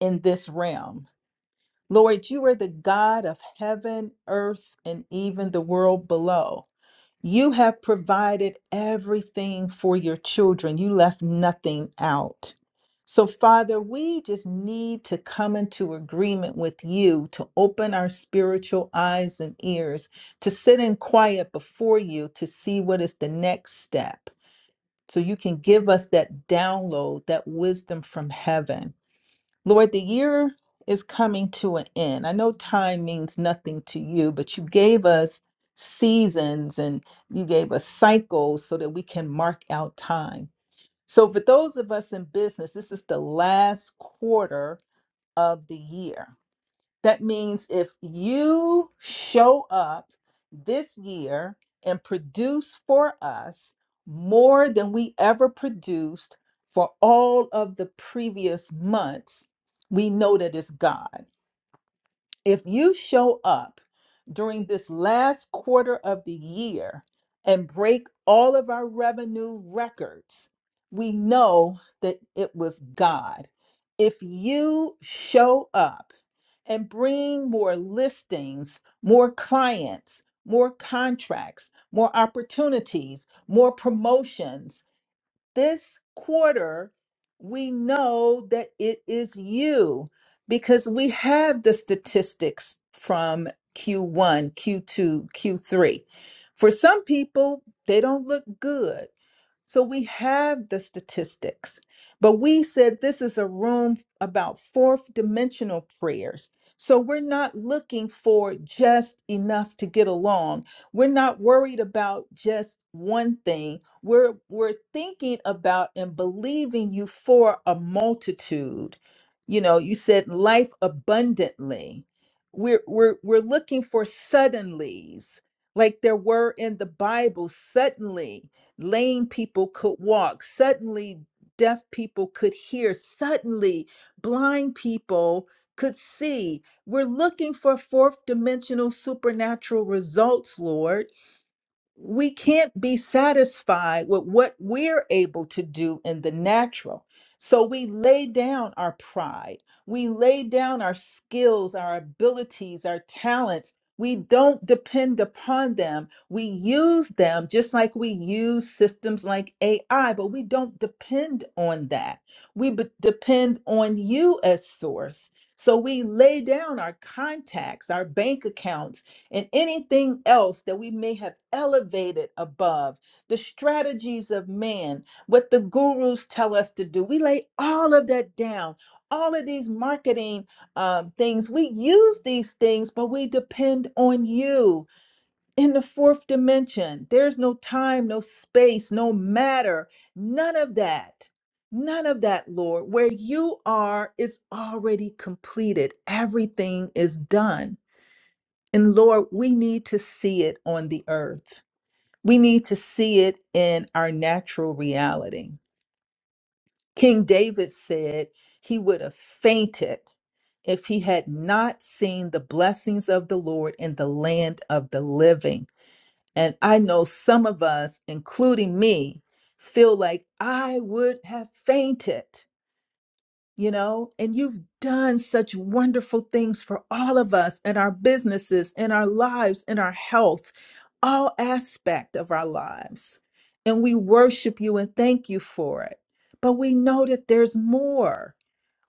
[SPEAKER 1] in this realm. Lord, you are the God of heaven, earth, and even the world below. You have provided everything for your children. You left nothing out. So, Father, we just need to come into agreement with you to open our spiritual eyes and ears, to sit in quiet before you to see what is the next step. So, you can give us that download, that wisdom from heaven. Lord, the year is coming to an end. I know time means nothing to you, but you gave us seasons and you gave us cycles so that we can mark out time. So, for those of us in business, this is the last quarter of the year. That means if you show up this year and produce for us more than we ever produced for all of the previous months, we know that it's God. If you show up during this last quarter of the year and break all of our revenue records, we know that it was God. If you show up, and bring more listings, more clients, more contracts, more opportunities, more promotions. This quarter, we know that it is you because we have the statistics from Q1, Q2, Q3. For some people, they don't look good so we have the statistics, but we said this is a room about fourth dimensional prayers. So we're not looking for just enough to get along. We're not worried about just one thing. We're we're thinking about and believing you for a multitude. You know, you said life abundantly. We're we're we're looking for suddenlies, like there were in the Bible, suddenly lame people could walk, suddenly deaf people could hear, suddenly blind people could see. We're looking for fourth dimensional supernatural results, Lord we can't be satisfied with what we're able to do in the natural. So we lay down our pride. We lay down our skills, our abilities, our talents. We don't depend upon them. We use them just like we use systems like AI, but we don't depend on that. We be- depend on you as source. So we lay down our contacts, our bank accounts and anything else that we may have elevated above the strategies of man, what the gurus tell us to do. We lay all of that down. All of these marketing um, things, we use these things, but we depend on you in the fourth dimension. There's no time, no space, no matter, none of that. None of that, Lord. Where you are is already completed. Everything is done. And Lord, we need to see it on the earth. We need to see it in our natural reality. King David said he would have fainted if he had not seen the blessings of the Lord in the land of the living. And I know some of us, including me, feel like I would have fainted you know, and you've done such wonderful things for all of us in our businesses, in our lives, in our health, all aspect of our lives. And we worship you and thank you for it. But we know that there's more.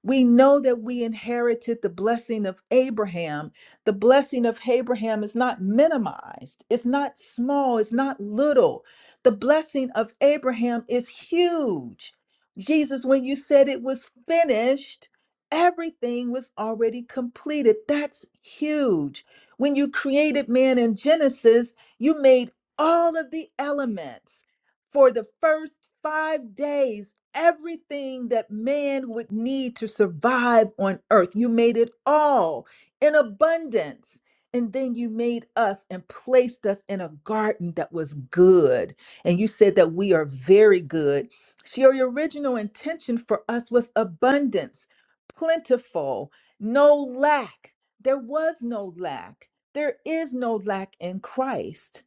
[SPEAKER 1] We know that we inherited the blessing of Abraham. The blessing of Abraham is not minimized, it's not small, it's not little. The blessing of Abraham is huge. Jesus, when you said it was finished, everything was already completed. That's huge. When you created man in Genesis, you made all of the elements for the first five days everything that man would need to survive on earth. You made it all in abundance. And then you made us and placed us in a garden that was good. And you said that we are very good. So your original intention for us was abundance, plentiful, no lack. There was no lack. There is no lack in Christ.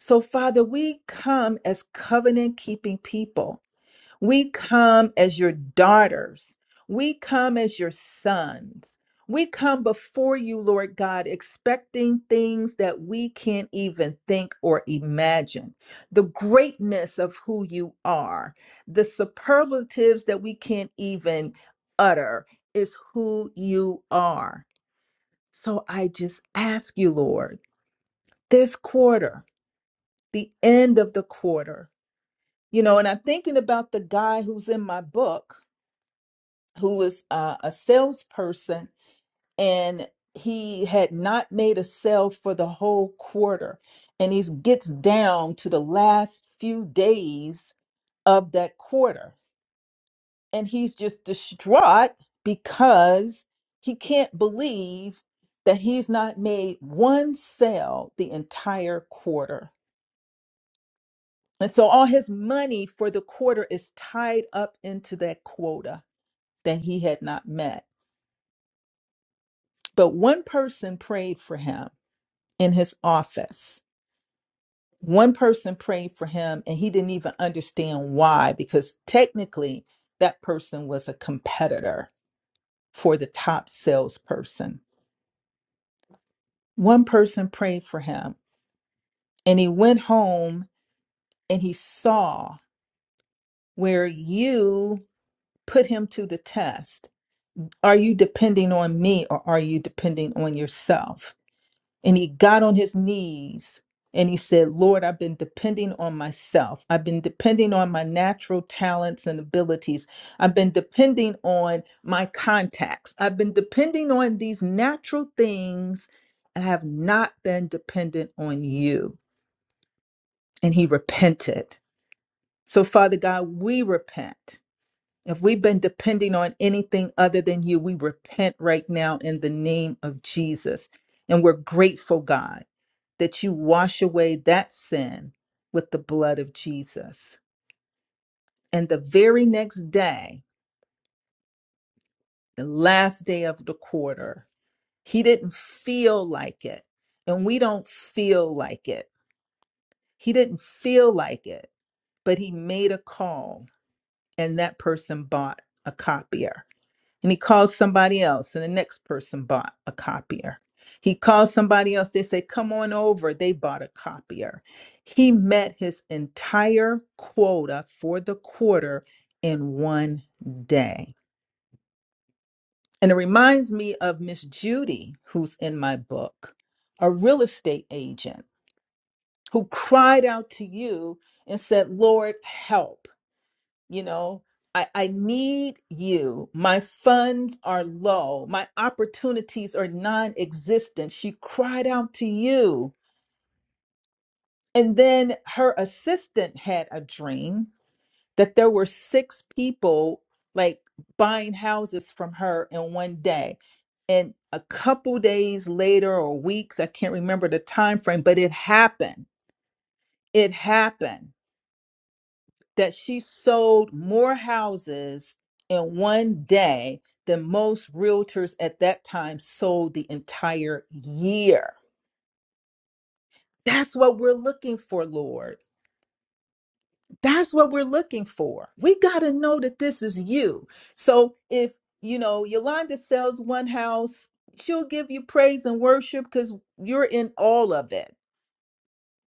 [SPEAKER 1] So, Father, we come as covenant keeping people we come as your daughters. We come as your sons. We come before you, Lord God, expecting things that we can't even think or imagine. The greatness of who you are, the superlatives that we can't even utter is who you are. So I just ask you, Lord, this quarter, the end of the quarter, you know, and I'm thinking about the guy who's in my book who was uh, a salesperson and he had not made a sale for the whole quarter and he gets down to the last few days of that quarter and he's just distraught because he can't believe that he's not made one sale the entire quarter and so all his money for the quarter is tied up into that quota that he had not met but one person prayed for him in his office. One person prayed for him and he didn't even understand why, because technically that person was a competitor for the top salesperson. One person prayed for him and he went home and he saw where you put him to the test. Are you depending on me or are you depending on yourself? And he got on his knees and he said, Lord, I've been depending on myself. I've been depending on my natural talents and abilities. I've been depending on my contacts. I've been depending on these natural things and I have not been dependent on you. And he repented. So, Father God, we repent. If we've been depending on anything other than you, we repent right now in the name of Jesus. And we're grateful, God that you wash away that sin with the blood of Jesus. And the very next day, the last day of the quarter, he didn't feel like it. And we don't feel like it. He didn't feel like it, but he made a call and that person bought a copier. and he calls somebody else and the next person bought a copier he calls somebody else they say come on over they bought a copier he met his entire quota for the quarter in one day and it reminds me of miss judy who's in my book a real estate agent who cried out to you and said lord help you know i i need you my funds are low my opportunities are non-existent she cried out to you and then her assistant had a dream that there were six people like buying houses from her in one day and a couple days later or weeks i can't remember the time frame but it happened it happened that she sold more houses in one day than most realtors at that time sold the entire year. That's what we're looking for, Lord. That's what we're looking for. We got to know that this is you. So if, you know, Yolanda sells one house, she'll give you praise and worship because you're in all of it.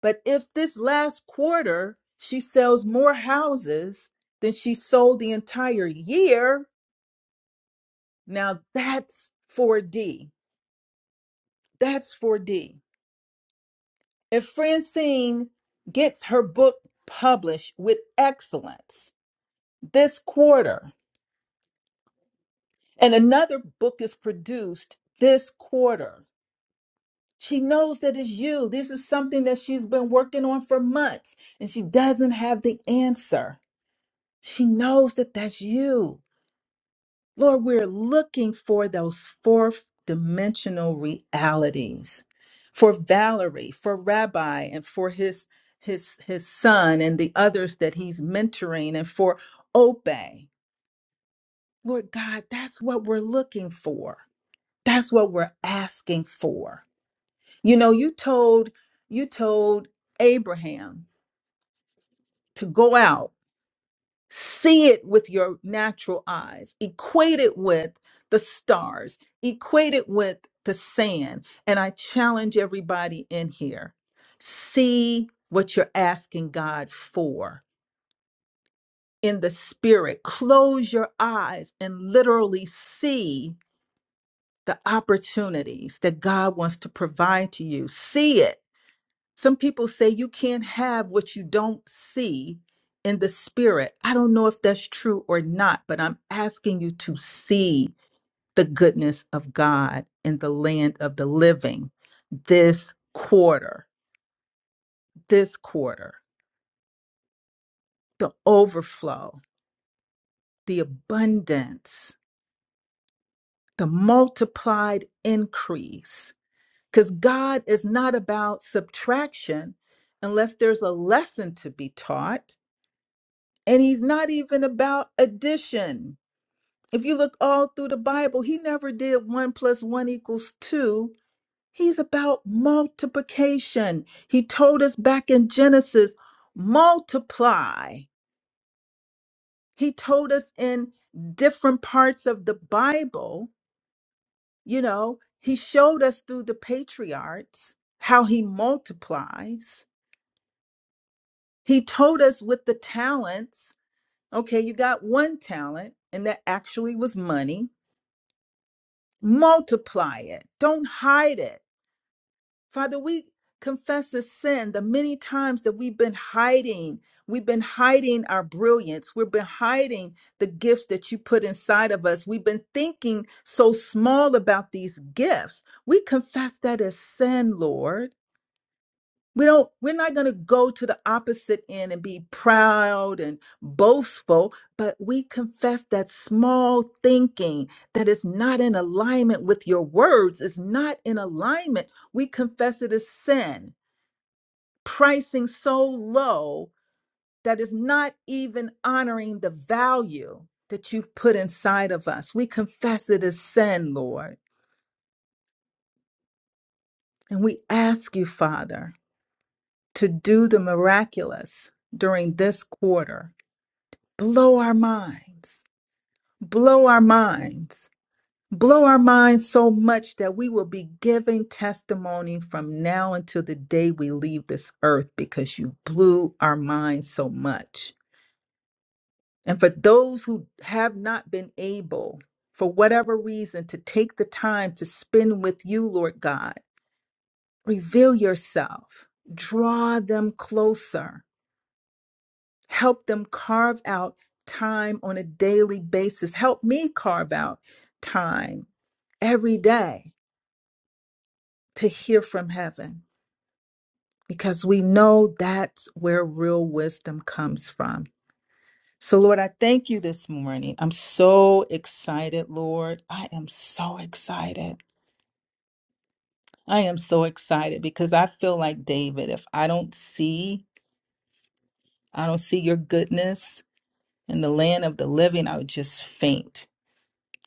[SPEAKER 1] But if this last quarter she sells more houses than she sold the entire year, Now that's 4D. That's 4D. If Francine gets her book published with excellence this quarter, and another book is produced this quarter, she knows that it's you. This is something that she's been working on for months, and she doesn't have the answer. She knows that that's you. Lord, we're looking for those fourth dimensional realities for Valerie, for Rabbi, and for his his his son and the others that he's mentoring and for Obey. Lord God, that's what we're looking for. That's what we're asking for. You know, you told you told Abraham to go out see it with your natural eyes, equate it with the stars, equate it with the sand. And I challenge everybody in here see what you're asking God for in the spirit. Close your eyes and literally see the opportunities that God wants to provide to you. See it some people say you can't have what you don't see in the spirit. I don't know if that's true or not, but I'm asking you to see the goodness of God in the land of the living this quarter, this quarter, the overflow, the abundance, the multiplied increase. Because God is not about subtraction unless there's a lesson to be taught And he's not even about addition. If you look all through the Bible, he never did one plus one equals two. He's about multiplication. He told us back in Genesis, multiply. He told us in different parts of the Bible, you know, he showed us through the patriarchs how he multiplies. He told us with the talents, okay, you got one talent, and that actually was money Multiply it. Don't hide it. Father, we confess the sin the many times that we've been hiding. We've been hiding our brilliance. We've been hiding the gifts that you put inside of us. We've been thinking so small about these gifts. We confess that as sin, Lord. We don't we're not going to go to the opposite end and be proud and boastful, but we confess that small thinking that is not in alignment with your words is not in alignment. We confess it as sin, pricing so low that is not even honoring the value that you've put inside of us. We confess it as sin, Lord, and we ask you, Father, to do the miraculous during this quarter blow our minds, blow our minds, blow our minds so much that we will be giving testimony from now until the day we leave this earth because you blew our minds so much. And for those who have not been able, for whatever reason, to take the time to spend with you, Lord God, reveal yourself, draw them closer Help them carve out time on a daily basis. Help me carve out time every day to hear from heaven because we know that's where real wisdom comes from. So, Lord, I thank you this morning. I'm so excited, Lord. I am so excited. I am so excited because I feel like David. If I don't see, I don't see your goodness in the land of the living, I would just faint.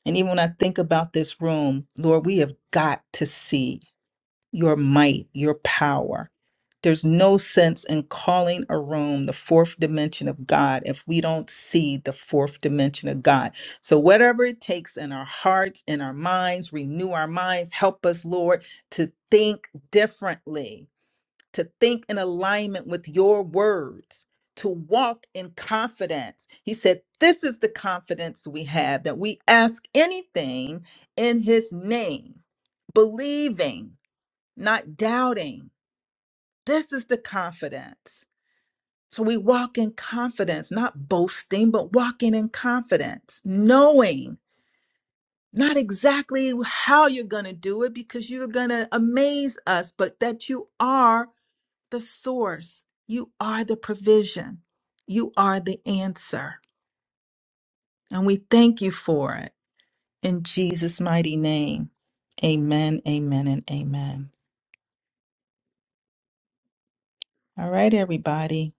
[SPEAKER 1] And even when I think about this room, Lord, we have got to see your might, your power. There's no sense in calling a room the fourth dimension of God if we don't see the fourth dimension of God. So, whatever it takes in our hearts, in our minds, renew our minds, help us, Lord, to think differently to think in alignment with your words, to walk in confidence. He said, This is the confidence we have that we ask anything in his name, believing, not doubting. This is the confidence. So we walk in confidence, not boasting, but walking in confidence, knowing not exactly how you're going to do it because you're going to amaze us, but that you are the source. You are the provision. You are the answer. And we thank you for it in Jesus' mighty name. Amen, amen, and amen. All right, everybody.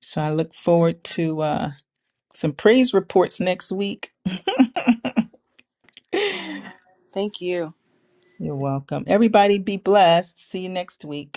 [SPEAKER 1] So I look forward to uh, some praise reports next week. [laughs]
[SPEAKER 3] Thank you.
[SPEAKER 1] You're welcome. Everybody be blessed. See you next week.